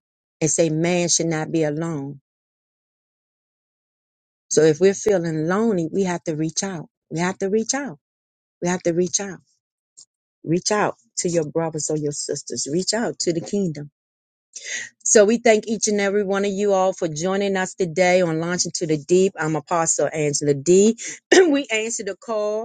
and say, Man should not be alone. So if we're feeling lonely, we have to reach out. We have to reach out. We have to reach out Reach out to your brothers or your sisters. Reach out to the kingdom. So we thank each and every one of you all for joining us today on Launching to the Deep. I'm Apostle Angela D. [CLEARS THROAT] we answer the call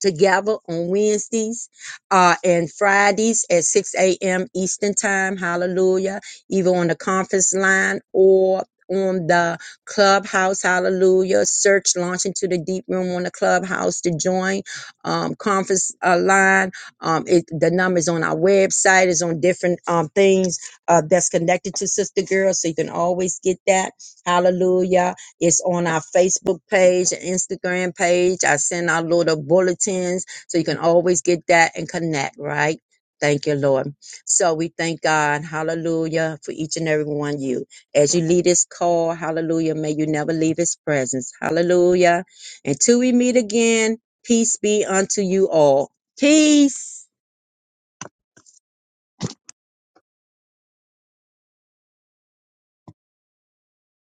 together on Wednesdays uh, and Fridays at 6 a.m. Eastern Time. Hallelujah. Either on the conference line or on the clubhouse. Hallelujah. Search launch into the deep room on the clubhouse to join um, conference uh, line. Um, it, the numbers on our website is on different um, things uh, that's connected to Sister Girl. So you can always get that. Hallelujah it's on our Facebook page and Instagram page. I send our little bulletins so you can always get that and connect, right? Thank you, Lord. So we thank God, hallelujah, for each and every one of you. As you leave this call, hallelujah, may you never leave his presence. Hallelujah. Until we meet again, peace be unto you all. Peace.